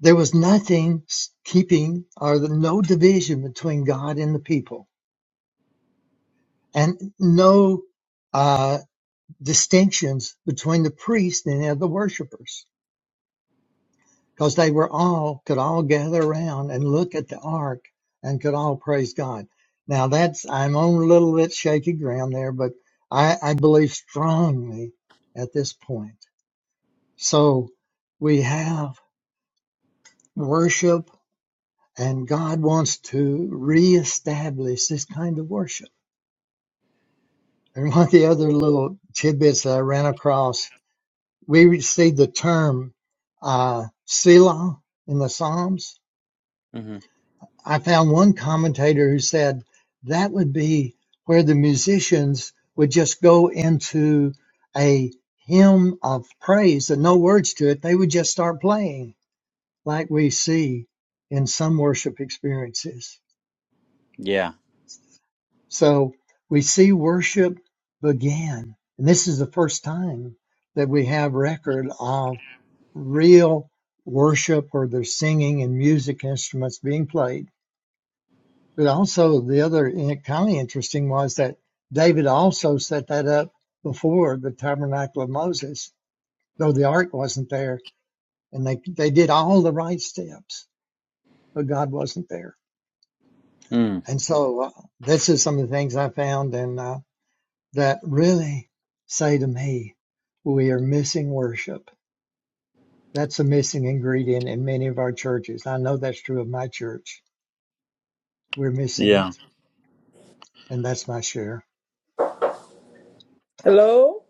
Speaker 9: There was nothing keeping or the, no division between God and the people, and no uh, distinctions between the priest and the other worshipers, because they were all could all gather around and look at the ark and could all praise God. Now that's I'm on a little bit shaky ground there, but I, I believe strongly at this point. So we have worship and God wants to reestablish this kind of worship. And one of the other little tidbits that I ran across, we see the term uh, Selah in the Psalms.
Speaker 4: hmm
Speaker 9: I found one commentator who said that would be where the musicians would just go into a hymn of praise and no words to it. They would just start playing like we see in some worship experiences.
Speaker 4: Yeah.
Speaker 9: So we see worship began. And this is the first time that we have record of real worship or there's singing and music instruments being played. But also the other in- kind of interesting was that David also set that up before the tabernacle of Moses, though the ark wasn't there. And they, they did all the right steps, but God wasn't there.
Speaker 4: Mm.
Speaker 9: And so uh, this is some of the things I found. And uh, that really say to me, we are missing worship. That's a missing ingredient in many of our churches. I know that's true of my church. We're missing
Speaker 4: Yeah.
Speaker 9: it. And that's my share.
Speaker 10: Hello?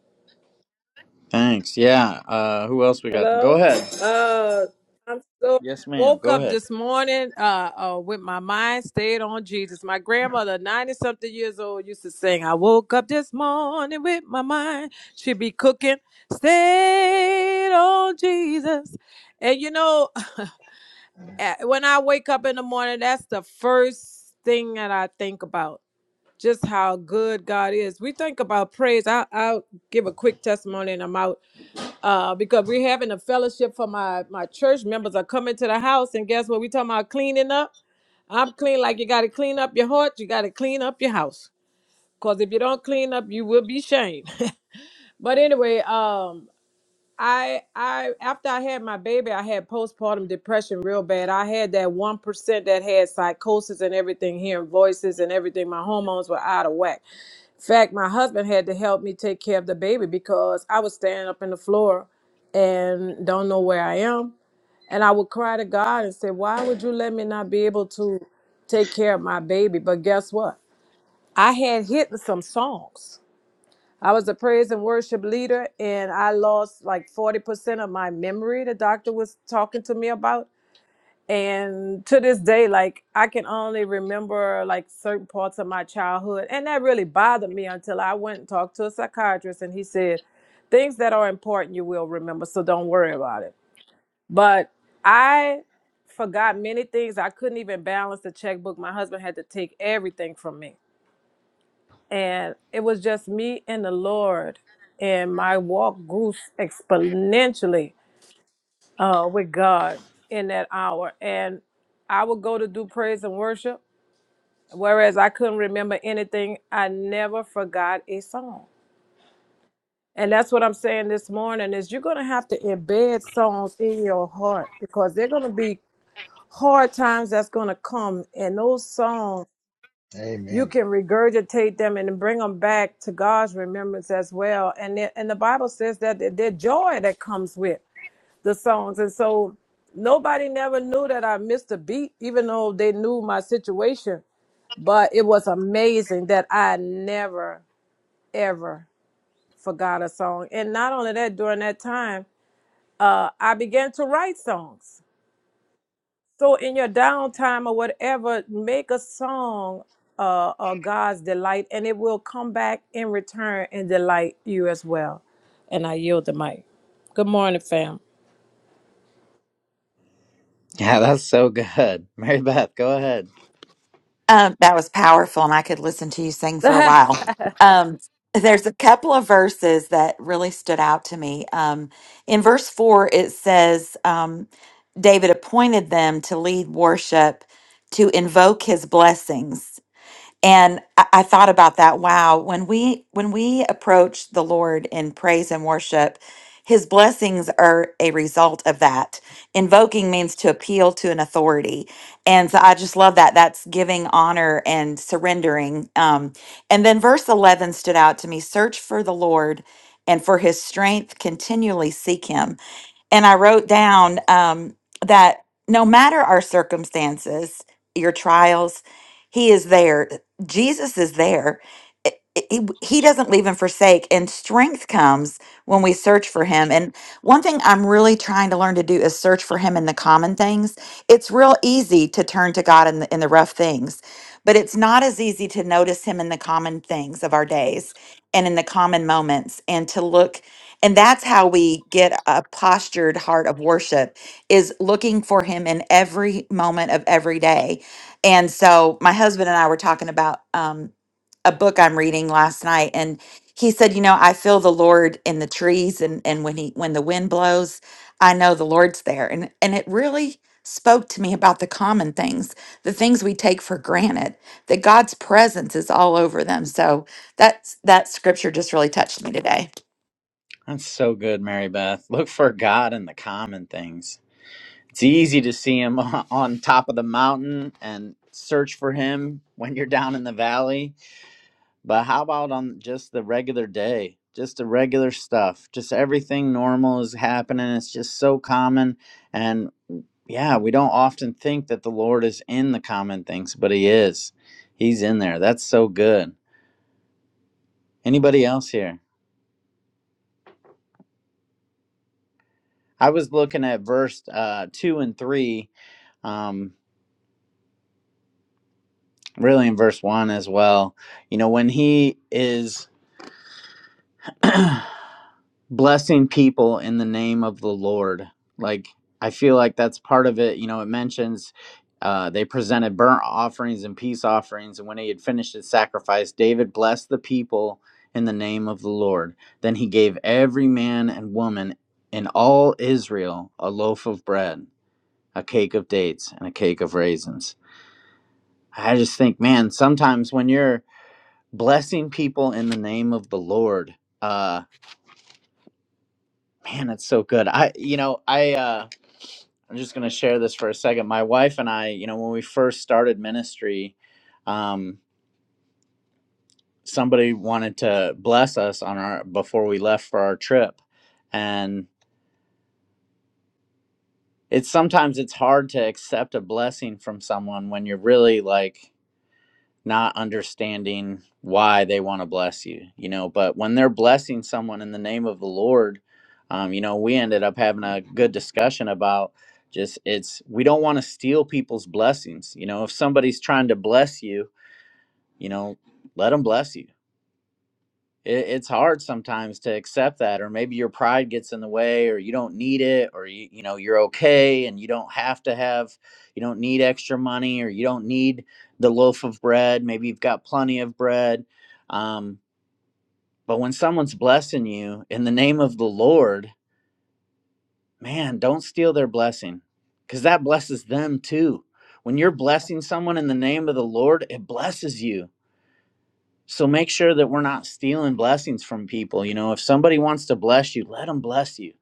Speaker 4: Thanks. Yeah. Uh, who else we got? Go
Speaker 10: Hello?
Speaker 4: ahead.
Speaker 10: Uh, I'm so
Speaker 4: Yes, ma'am.
Speaker 10: woke
Speaker 4: Go
Speaker 10: up
Speaker 4: ahead.
Speaker 10: this morning uh, uh, with my mind stayed on Jesus. My grandmother, 90 something years old, used to sing, I woke up this morning with my mind. She'd be cooking, stayed on Jesus. And you know, eh, when I wake up in the morning, that's the first thing that I think about. Just how good God is. We think about praise. I, I'll give a quick testimony and I'm out uh, because we're having a fellowship for my my church members are coming to the house, and guess what? We talking about cleaning up. I'm clean like you got to clean up your heart, you got to clean up your house, cause if you don't clean up, you will be shamed. but anyway, um, I I after I had my baby, I had postpartum depression real bad. I had that one percent that had psychosis and everything, hearing voices and everything. My hormones were out of whack fact, my husband had to help me take care of the baby because I was standing up in the floor and don't know where I am. And I would cry to God and say, Why would you let me not be able to take care of my baby? But guess what? I had hidden some songs. I was a praise and worship leader, and I lost like 40% of my memory, the doctor was talking to me about and to this day like i can only remember like certain parts of my childhood and that really bothered me until i went and talked to a psychiatrist and he said things that are important you will remember so don't worry about it but i forgot many things i couldn't even balance the checkbook my husband had to take everything from me and it was just me and the lord and my walk grew exponentially uh, with God in that hour. And I would go to do praise and worship, whereas I couldn't remember anything. I never forgot a song. And that's what I'm saying this morning is you're gonna have to embed songs in your heart because they're gonna be hard times that's gonna come, and those songs you
Speaker 9: Amen.
Speaker 10: can regurgitate them and bring them back to God's remembrance as well. And it, and the Bible says that the, the joy that comes with. the songs. And so nobody never knew that I missed a beat, even though they knew my situation. But it was amazing that I never, ever forgot a song. And not only that, during that time, uh, I began to write songs. So in your downtime or whatever, make a song uh, uh, God's delight, and it will come back in return and delight you as well. And I yield the mic. Good morning, fam.
Speaker 4: Yeah, that's so good. Mary Beth, go ahead.
Speaker 11: Um, that was powerful, and I could listen to you sing for a while. Um, there's a couple of verses that really stood out to me. Um, in verse four, it says, um, David appointed them to lead worship, to invoke his blessings and I, I thought about that wow when we when we approach the lord in praise and worship his blessings are a result of that invoking means to appeal to an authority and so i just love that that's giving honor and surrendering um, and then verse 11 stood out to me search for the lord and for his strength continually seek him and I wrote down um, that no matter our circumstances, your trials, He is there. Jesus is there. I- I- He he doesn't leave and forsake, and strength comes when we search for Him. And one thing I'm really trying to learn to do is search for Him in the common things. It's real easy to turn to God in the, in the rough things, but it's not as easy to notice Him in the common things of our days and in the common moments, and to look and that's how we get a postured heart of worship is looking for him in every moment of every day. And so my husband and I were talking about um, a book I'm reading last night and he said, you know, I feel the Lord in the trees and and when he when the wind blows, I know the Lord's there. And and it really spoke to me about the common things, the things we take for granted, that God's presence is all over them. So that's that scripture just really touched me today.
Speaker 4: That's so good, Mary Beth. Look for God in the common things. It's easy to see Him on top of the mountain and search for Him when you're down in the valley But how about on just the regular day? Just the regular stuff. Just everything normal is happening. It's just so common. And mm, yeah, we don't often think that the Lord is in the common things, but He is. He's in there. That's so good. Anybody else here? I was looking at verse uh, two and three, um, really in verse one as well. You know, when He is. blessing people in the name of the Lord. Like I feel like that's part of it. You know, it mentions uh, they presented burnt offerings and peace offerings, and when he had finished his sacrifice, David blessed the people in the name of the Lord. Then he gave every man and woman in all Israel a loaf of bread, a cake of dates, and a cake of raisins. I just think, man, sometimes when you're blessing people in the name of the Lord, uh, man, it's so good. I, you know, I, uh, I'm just going to share this for a second. My wife and I, you know, when we first started ministry, um, somebody wanted to bless us on our before we left for our trip, and it's sometimes it's hard to accept a blessing from someone when you're really like not understanding why they want to bless you, you know. But when they're blessing someone in the name of the Lord, um, you know, we ended up having a good discussion about just it's we don't want to steal people's blessings, you know. If somebody's trying to bless you, you know, let them bless you it, it's hard sometimes to accept that or maybe your pride gets in the way or you don't need it or you, you know you're okay and you don't have to have you don't need extra money or you don't need the loaf of bread maybe you've got plenty of bread um, but when someone's blessing you in the name of the lord man don't steal their blessing because that blesses them too when you're blessing someone in the name of the lord it blesses you So make sure that we're not stealing blessings from people. You know, if somebody wants to bless you, let them bless you.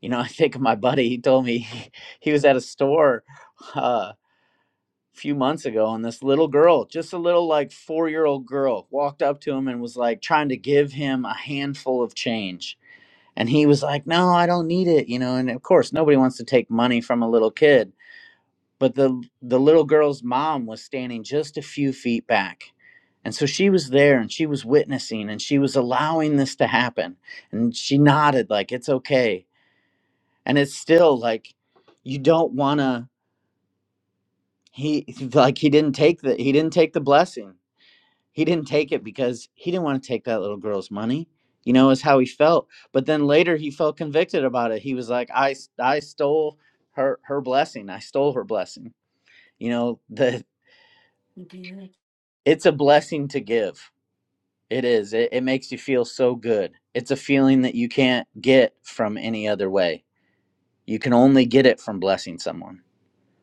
Speaker 4: You know, I think of my buddy, he told me he, he was at a store uh, a few months ago, and this little girl, just a little like four year old girl, walked up to him and was like trying to give him a handful of change. And he was like, No, I don't need it. You know, and of course, nobody wants to take money from a little kid but the the little girl's mom was standing just a few feet back and so she was there and she was witnessing and she was allowing this to happen and she nodded like it's okay and it's still like you don't want to he like he didn't take the he didn't take the blessing he didn't take it because he didn't want to take that little girl's money you know is how he felt but then later he felt convicted about it he was like i s- i stole her her blessing i stole her blessing you know the It's a blessing to give. It is. It, it makes you feel so good. It's a feeling that you can't get from any other way. You can only get it from blessing someone.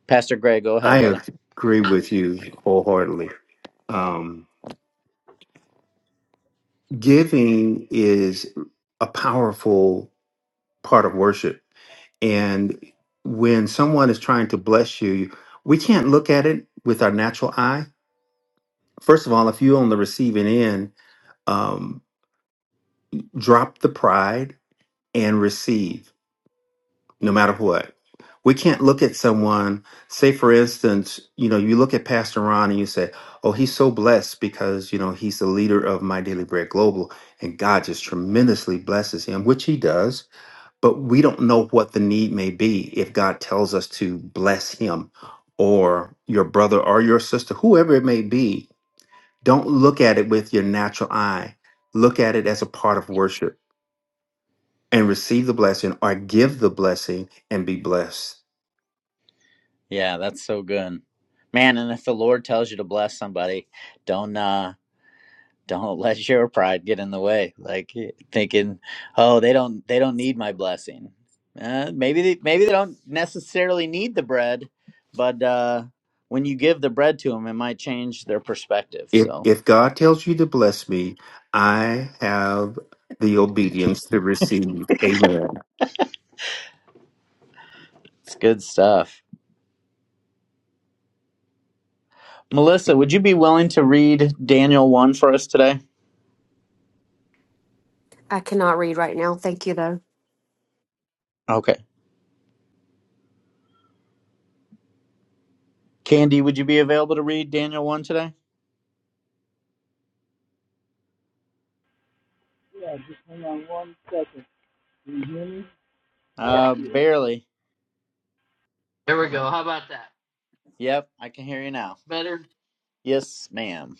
Speaker 4: Pastor Greg, go ahead,
Speaker 8: I
Speaker 4: brother.
Speaker 8: agree with you wholeheartedly. Um, giving is a powerful part of worship. And when someone is trying to bless you, we can't look at it with our natural eye. First of all, if you're on the receiving end, um, drop the pride and receive no matter what. We can't look at someone, say for instance, you know, you look at Pastor Ron and you say, oh, he's so blessed because, you know, he's the leader of My Daily Bread Global and God just tremendously blesses him, which he does. But we don't know what the need may be if God tells us to bless him or your brother or your sister, whoever it may be. Don't look at it with your natural eye. Look at it as a part of worship and receive the blessing or give the blessing and be blessed.
Speaker 4: Yeah, that's so good. Man, and if the Lord tells you to bless somebody, don't uh don't let your pride get in the way like eh, thinking oh they don't they don't need my blessing uh, maybe they maybe they don't necessarily need the bread but uh when you give the bread to them it might change their perspective
Speaker 8: If
Speaker 4: so
Speaker 8: if God tells you to bless me, I have the obedience to receive. Amen.
Speaker 4: it's good stuff melissa would you be willing to read daniel 1 for us today
Speaker 12: I cannot read right now. Thank you, though.
Speaker 4: okay candy would you be available to read daniel 1 today
Speaker 7: Yeah, just hang on one second. Can you hear me?
Speaker 4: uh barely
Speaker 7: there we go how about that
Speaker 4: yep i can hear you now
Speaker 7: better
Speaker 4: yes ma'am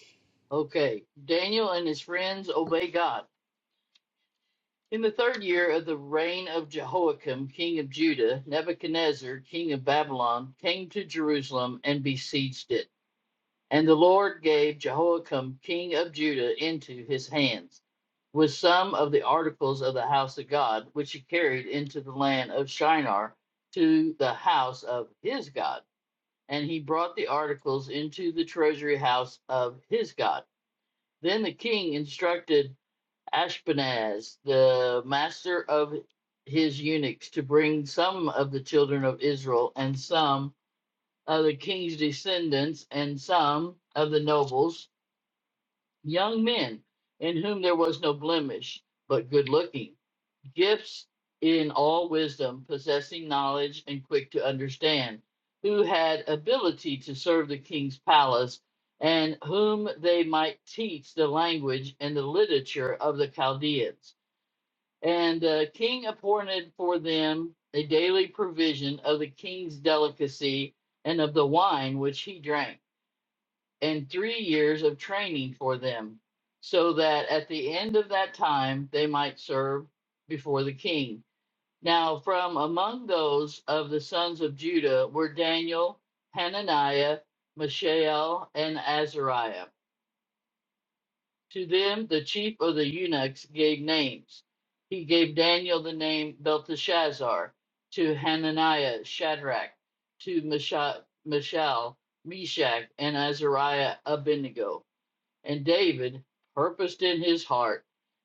Speaker 7: okay daniel and his friends obey god In the third year of the reign of Jehoiakim, king of Judah, Nebuchadnezzar, king of Babylon, came to Jerusalem and besieged it. And the Lord gave Jehoiakim, king of Judah, into his hands, with some of the articles of the house of God, which he carried into the land of Shinar to the house of his God. And he brought the articles into the treasury house of his God. Then the king instructed Ashpenaz, the master of his eunuchs, to bring some of the children of Israel and some of the king's descendants and some of the nobles, young men, in whom there was no blemish, but good looking, gifts in all wisdom, possessing knowledge and quick to understand, who had ability to serve the king's palace. And whom they might teach the language and the literature of the Chaldeans and the king appointed for them a daily provision of the king's delicacy and of the wine which he drank, and three years of training for them, so that at the end of that time they might serve before the king. Now, from among those of the sons of Judah were Daniel, Hananiah, Mishael, and Azariah to them, the chief of the eunuchs gave names. He gave Daniel the name Belteshazzar, to Hananiah Shadrach, to Mesha- Mishael Meshach, and Azariah Abednego. And David purposed in his heart,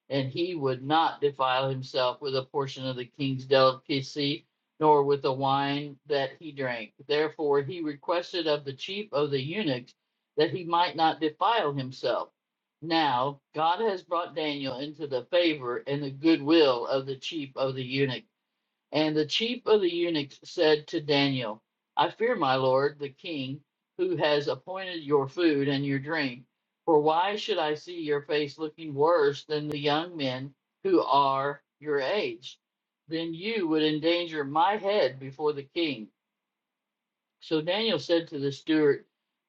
Speaker 7: and he would not defile himself with a portion of the king's delicacy, nor with the wine that he drank. Therefore he requested of the chief of the eunuchs that he might not defile himself. Now God has brought Daniel into the favor and the goodwill of the chief of the eunuchs. And the chief of the eunuchs said to Daniel, I fear my lord, the king, who has appointed your food and your drink. For why should I see your face looking worse than the young men who are your age? Then you would endanger my head before the king. So Daniel said to the steward,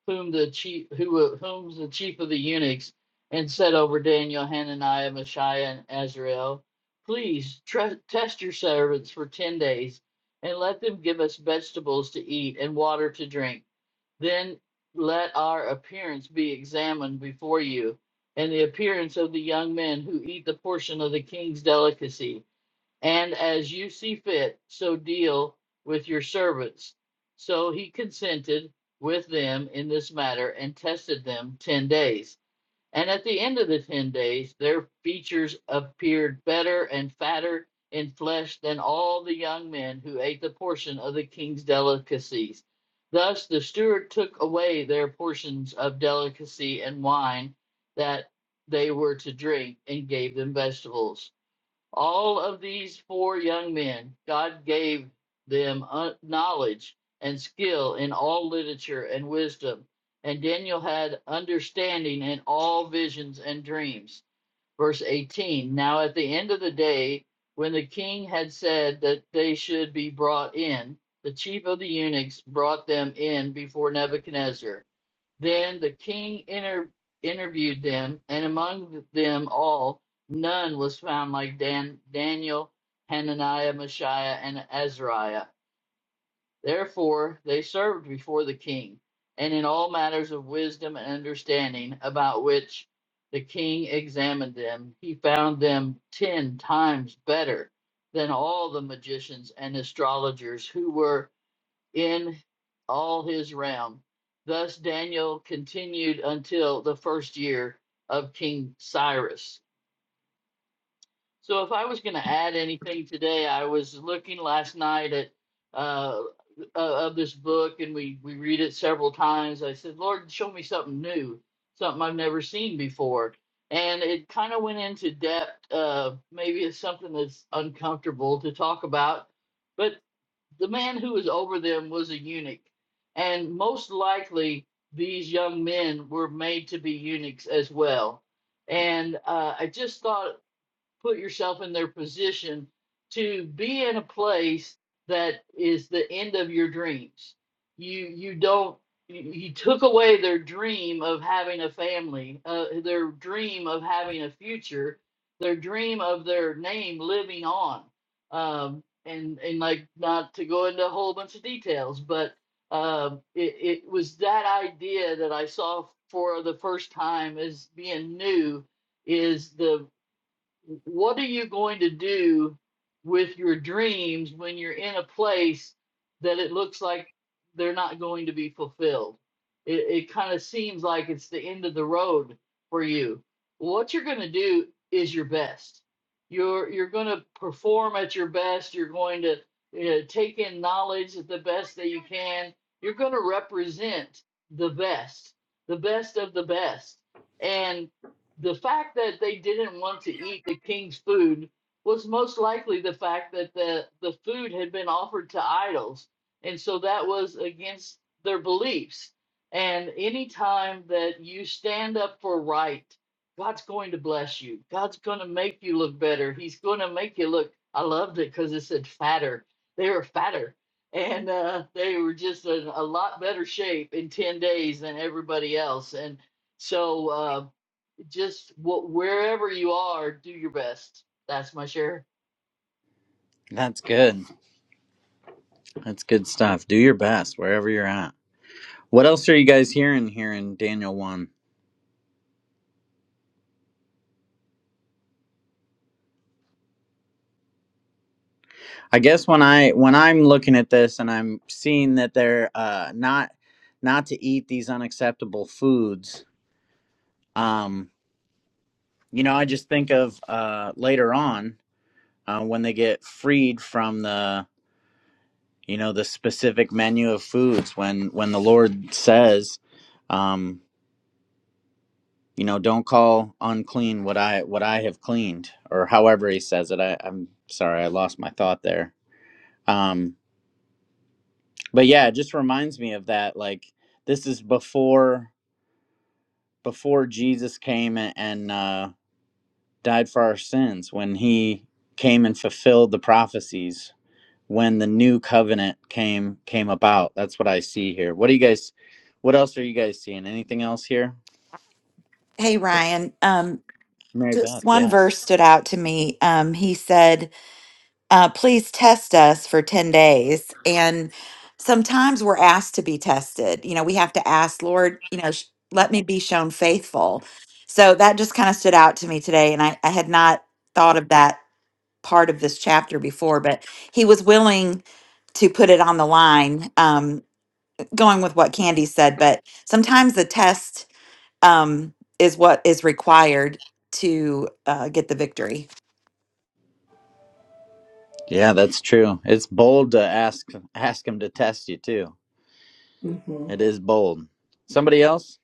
Speaker 7: whom the chief, who whom the chief of the eunuchs, and said over Daniel, Hananiah, Mishael, and Azrael, please tre- test your servants for ten days, and let them give us vegetables to eat and water to drink. Then let our appearance be examined before you, and the appearance of the young men who eat the portion of the king's delicacy and as you see fit, so deal with your servants. So he consented with them in this matter and tested them 10 days. And at the end of the 10 days, their features appeared better and fatter in flesh than all the young men who ate the portion of the king's delicacies. Thus the steward took away their portions of delicacy and wine that they were to drink and gave them vegetables. All of these four young men, God gave them uh, knowledge and skill in all literature and wisdom. And Daniel had understanding in all visions and dreams. Verse 18 Now at the end of the day, when the king had said that they should be brought in, the chief of the eunuchs brought them in before Nebuchadnezzar. Then the king inter- interviewed them, and among them all, none was found like Dan- Daniel, Hananiah, Mishael, and Azariah. Therefore they served before the king, and in all matters of wisdom and understanding, about which the king examined them, he found them ten times better than all the magicians and astrologers who were in all his realm. Thus Daniel continued until the first year of King Cyrus. So, if I was going to add anything today, I was looking last night at uh, uh, of this book, and we we read it several times. I said, "Lord, show me something new, something I've never seen before." And it kind of went into depth. Uh, maybe it's something that's uncomfortable to talk about, but the man who was over them was a eunuch, and most likely these young men were made to be eunuchs as well. And uh, I just thought put yourself in their position to be in a place that is the end of your dreams. You you don't you you took away their dream of having a family, uh, their dream of having a future, their dream of their name living on. Um, and and like not to go into a whole bunch of details, but um, it it was that idea that I saw for the first time as being new is the what are you going to do with your dreams when you're in a place that it looks like they're not going to be fulfilled? It, it kind of seems like it's the end of the road for you. What you're going to do is your best. You're you're going to perform at your best. You're going to uh, take in knowledge at the best that you can. You're going to represent the best, the best of the best. and the fact that they didn't want to eat the king's food was most likely the fact that the the food had been offered to idols and so that was against their beliefs and any time that you stand up for right god's going to bless you god's going to make you look better he's going to make you look i loved it because it said fatter they were fatter and uh, they were just in a lot better shape in 10 days than everybody else and so uh, just what wherever you are, do your best. That's my share.
Speaker 4: That's good. That's good stuff. Do your best wherever you're at. What else are you guys hearing here in Daniel 1? I guess when I when I'm looking at this and I'm seeing that they're uh not not to eat these unacceptable foods, um you know, I just think of uh later on uh, when they get freed from the you know the specific menu of foods when when the Lord says um you know don't call unclean what i what i have cleaned or however he says it I, i'm sorry i lost my thought there um but yeah it just reminds me of that like this is before before jesus came and, and uh died for our sins when he came and fulfilled the prophecies when the new covenant came came about that's what i see here what do you guys what else are you guys seeing anything else here
Speaker 11: Hey, Ryan. Um,
Speaker 4: mary beth
Speaker 11: just one
Speaker 4: yes
Speaker 11: verse stood out to me. Um, he said, uh, Please test us for 10 days. And sometimes we're asked to be tested. You know, we have to ask, Lord, you know, sh- let me be shown faithful. So that just kind of stood out to me today. And I, I had not thought of that part of this chapter before, but he was willing to put it on the line, um, going with what Candy said. But sometimes the test um, is what is required to uh, get the victory.
Speaker 4: Yeah, that's true. It's bold to ask ask him to test you too.
Speaker 13: hmm
Speaker 4: It is bold. Somebody else?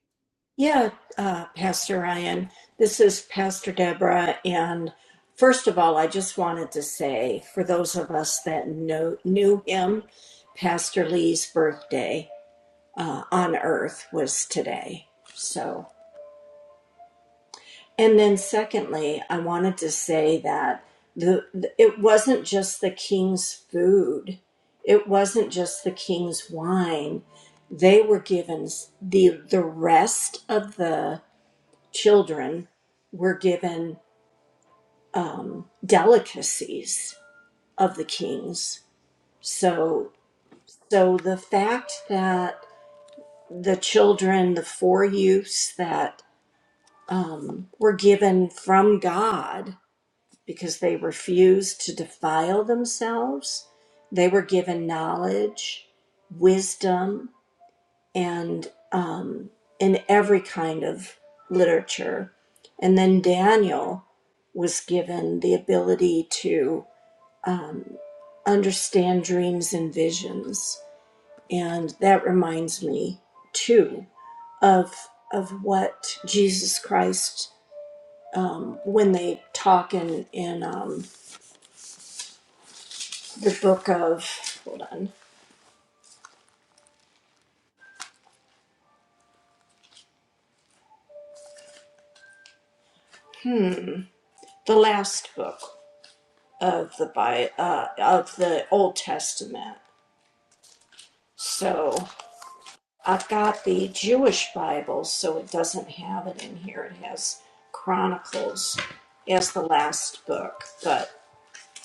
Speaker 13: Yeah, uh, Pastor Ryan, this is Pastor Deborah. And first of all, I just wanted to say for those of us that know, knew him, Pastor Lee's birthday uh, on earth was today. So, and then secondly, I wanted to say that the, the it wasn't just the king's food, it wasn't just the king's wine. They were given s- the the rest of the children were given um, delicacies of the kings. So, so the fact that the children, the four youths that um, were given from God because they refused to defile themselves, they were given knowledge, wisdom. and um, in every kind of literature. And then Daniel was given the ability to um, understand dreams and visions. And that reminds me, too, of, of what Jesus Christ, um, when they talk in, in um, the book of, hold on, hmm, the last book of the Bi- uh, of the Old Testament. So I've got the Jewish Bible, so it doesn't have it in here. It has Chronicles as the last book, but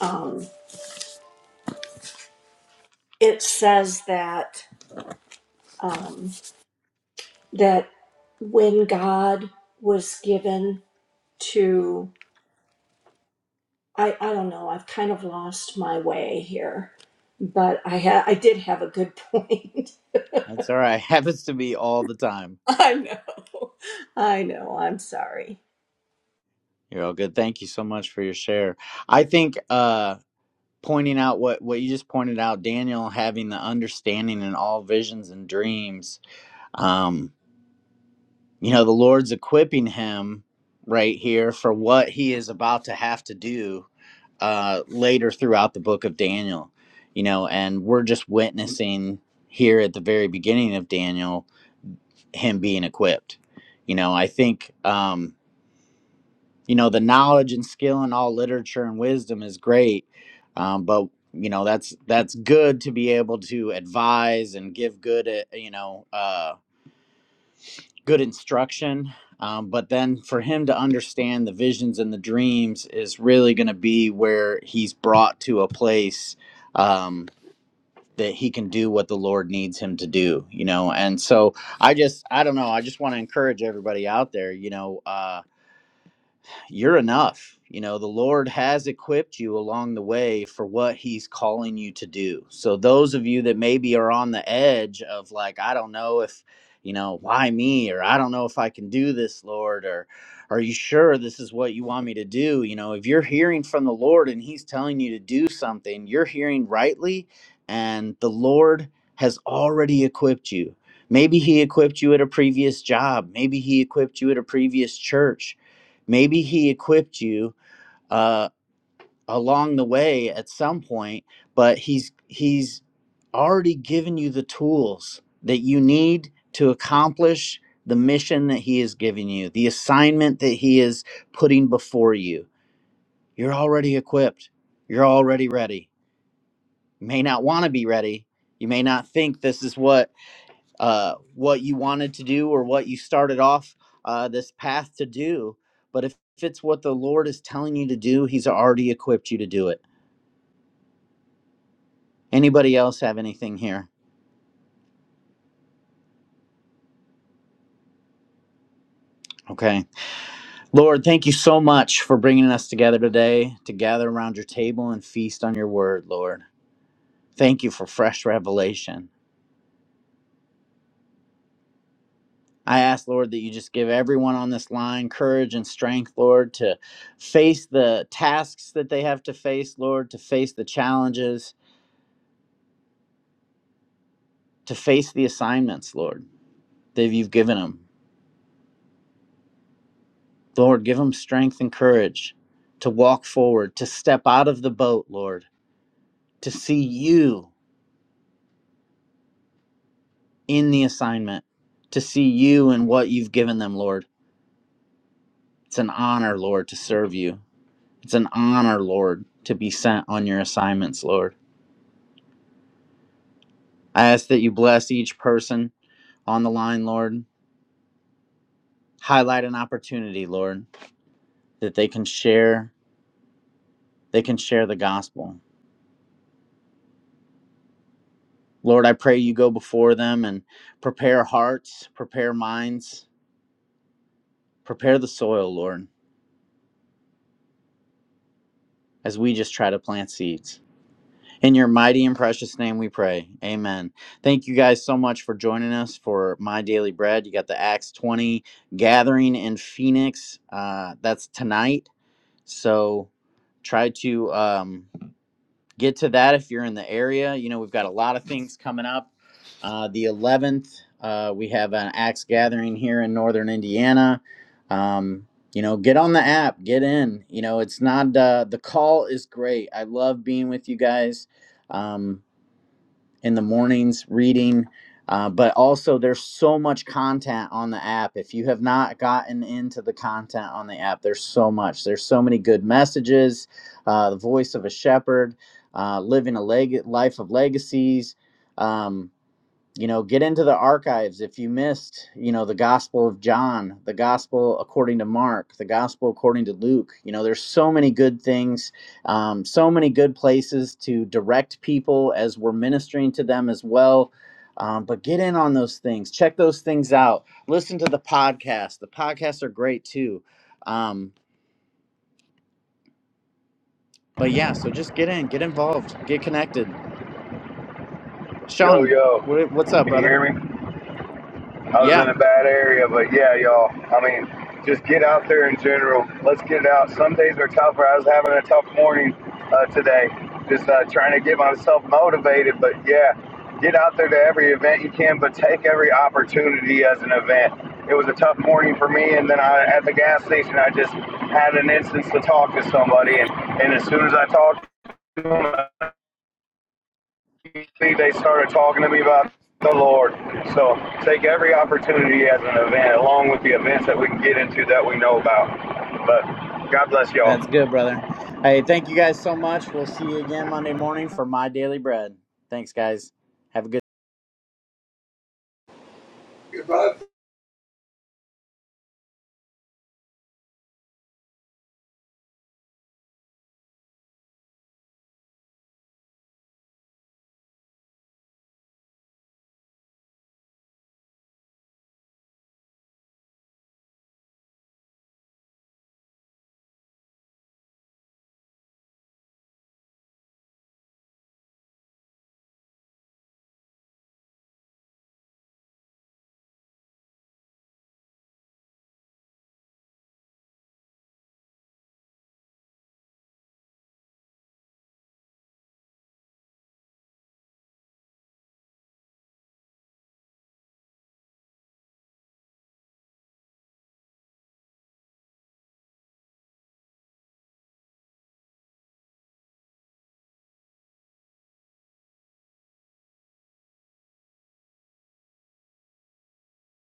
Speaker 13: um, it says that um, that when God was given to I, I don't know I've kind of lost my way here, but I ha- I did have a good point.
Speaker 4: That's all right. Happens to me all the time.
Speaker 13: I know, I know. I'm sorry.
Speaker 4: You're all good. Thank you so much for your share. I think uh pointing out what what you just pointed out, Daniel having the understanding in all visions and dreams. um, you know the lord's equipping him right here for what he is about to have to do uh later throughout the book of daniel you know and we're just witnessing here at the very beginning of daniel him being equipped you know i think um you know the knowledge and skill in all literature and wisdom is great um but you know that's that's good to be able to advise and give good uh, you know uh, good instruction. Um, but then for him to understand the visions and the dreams is really going to be where he's brought to a place um, that he can do what the Lord needs him to do, you know. And so I just, I don't know, I just want to encourage everybody out there, you know. uh, you're enough. You know, the Lord has equipped you along the way for what He's calling you to do. So, those of you that maybe are on the edge of like, I don't know if, you know, why me, or I don't know if I can do this, Lord, or are you sure this is what you want me to do? You know, if you're hearing from the Lord and He's telling you to do something, you're hearing rightly, and the Lord has already equipped you. Maybe He equipped you at a previous job, maybe He equipped you at a previous church maybe he equipped you uh, along the way at some point but he's he's already given you the tools that you need to accomplish the mission that he has given you the assignment that he is putting before you you're already equipped you're already ready you may not want to be ready you may not think this is what uh, what you wanted to do or what you started off uh, this path to do. But if, if it's what the Lord is telling you to do, He's already equipped you to do it. Anybody else have anything here? Okay. Lord, thank you so much for bringing us together today to gather around your table and feast on your word, Lord. Thank you for fresh revelation. I ask, Lord, that you just give everyone on this line courage and strength, Lord, to face the tasks that they have to face, Lord, to face the challenges, to face the assignments, Lord, that you've given them. Lord, give them strength and courage to walk forward, to step out of the boat, Lord, to see you in the assignment, to see you and what you've given them, Lord. It's an honor, Lord, to serve you. It's an honor, Lord, to be sent on your assignments, Lord. I ask that you bless each person on the line, Lord. Highlight an opportunity, Lord, that they can share, they can share the gospel Lord, I pray you go before them and prepare hearts, prepare minds, prepare the soil, Lord, as we just try to plant seeds. In your mighty and precious name we pray. Amen. Thank you guys so much for joining us for My Daily Bread. You got the Acts 20 gathering in Phoenix. Uh, that's tonight. So try to. Um, get to that if you're in the area. You know, we've got a lot of things coming up. Uh, the 11th, uh, we have an axe gathering here in northern Indiana. Um, you know, get on the app, get in. You know, it's not uh, the call is great. I love being with you guys. Um, in the mornings reading. Uh, but also, there's so much content on the app. If you have not gotten into the content on the app, there's so much. There's so many good messages. Uh, the voice of a shepherd, uh, living a leg- life of legacies. um, you know get into the archives if you missed you know the gospel of john the gospel according to mark the gospel according to luke you know there's so many good things um, so many good places to direct people as we're ministering to them as well um, but get in on those things check those things out listen to the podcast the podcasts are great too um, but yeah so just get in get involved get connected
Speaker 14: Yo,
Speaker 4: sean
Speaker 14: yo,
Speaker 4: wh- what's up
Speaker 14: can you
Speaker 4: brother
Speaker 14: hear me? I was
Speaker 4: yeah
Speaker 14: in a bad area, but yeah, y'all. I mean, just get out there in general. Let's get it out. Some days are tougher. I was having a tough morning uh, today, just uh, trying to get myself motivated. But yeah, get out there to every event you can, but take every opportunity as an event. It was a tough morning for me, and then I, at the gas station, I just had an instance to talk to somebody, and, and as soon as I talked to them, they started talking to me about the Lord. So take every opportunity as an event, along with the events that we can get into that we know about. But God bless y'all.
Speaker 4: That's good, brother. Hey, thank you guys so much. We'll see you again Monday morning for my daily bread. Thanks, guys. Have a good
Speaker 7: If I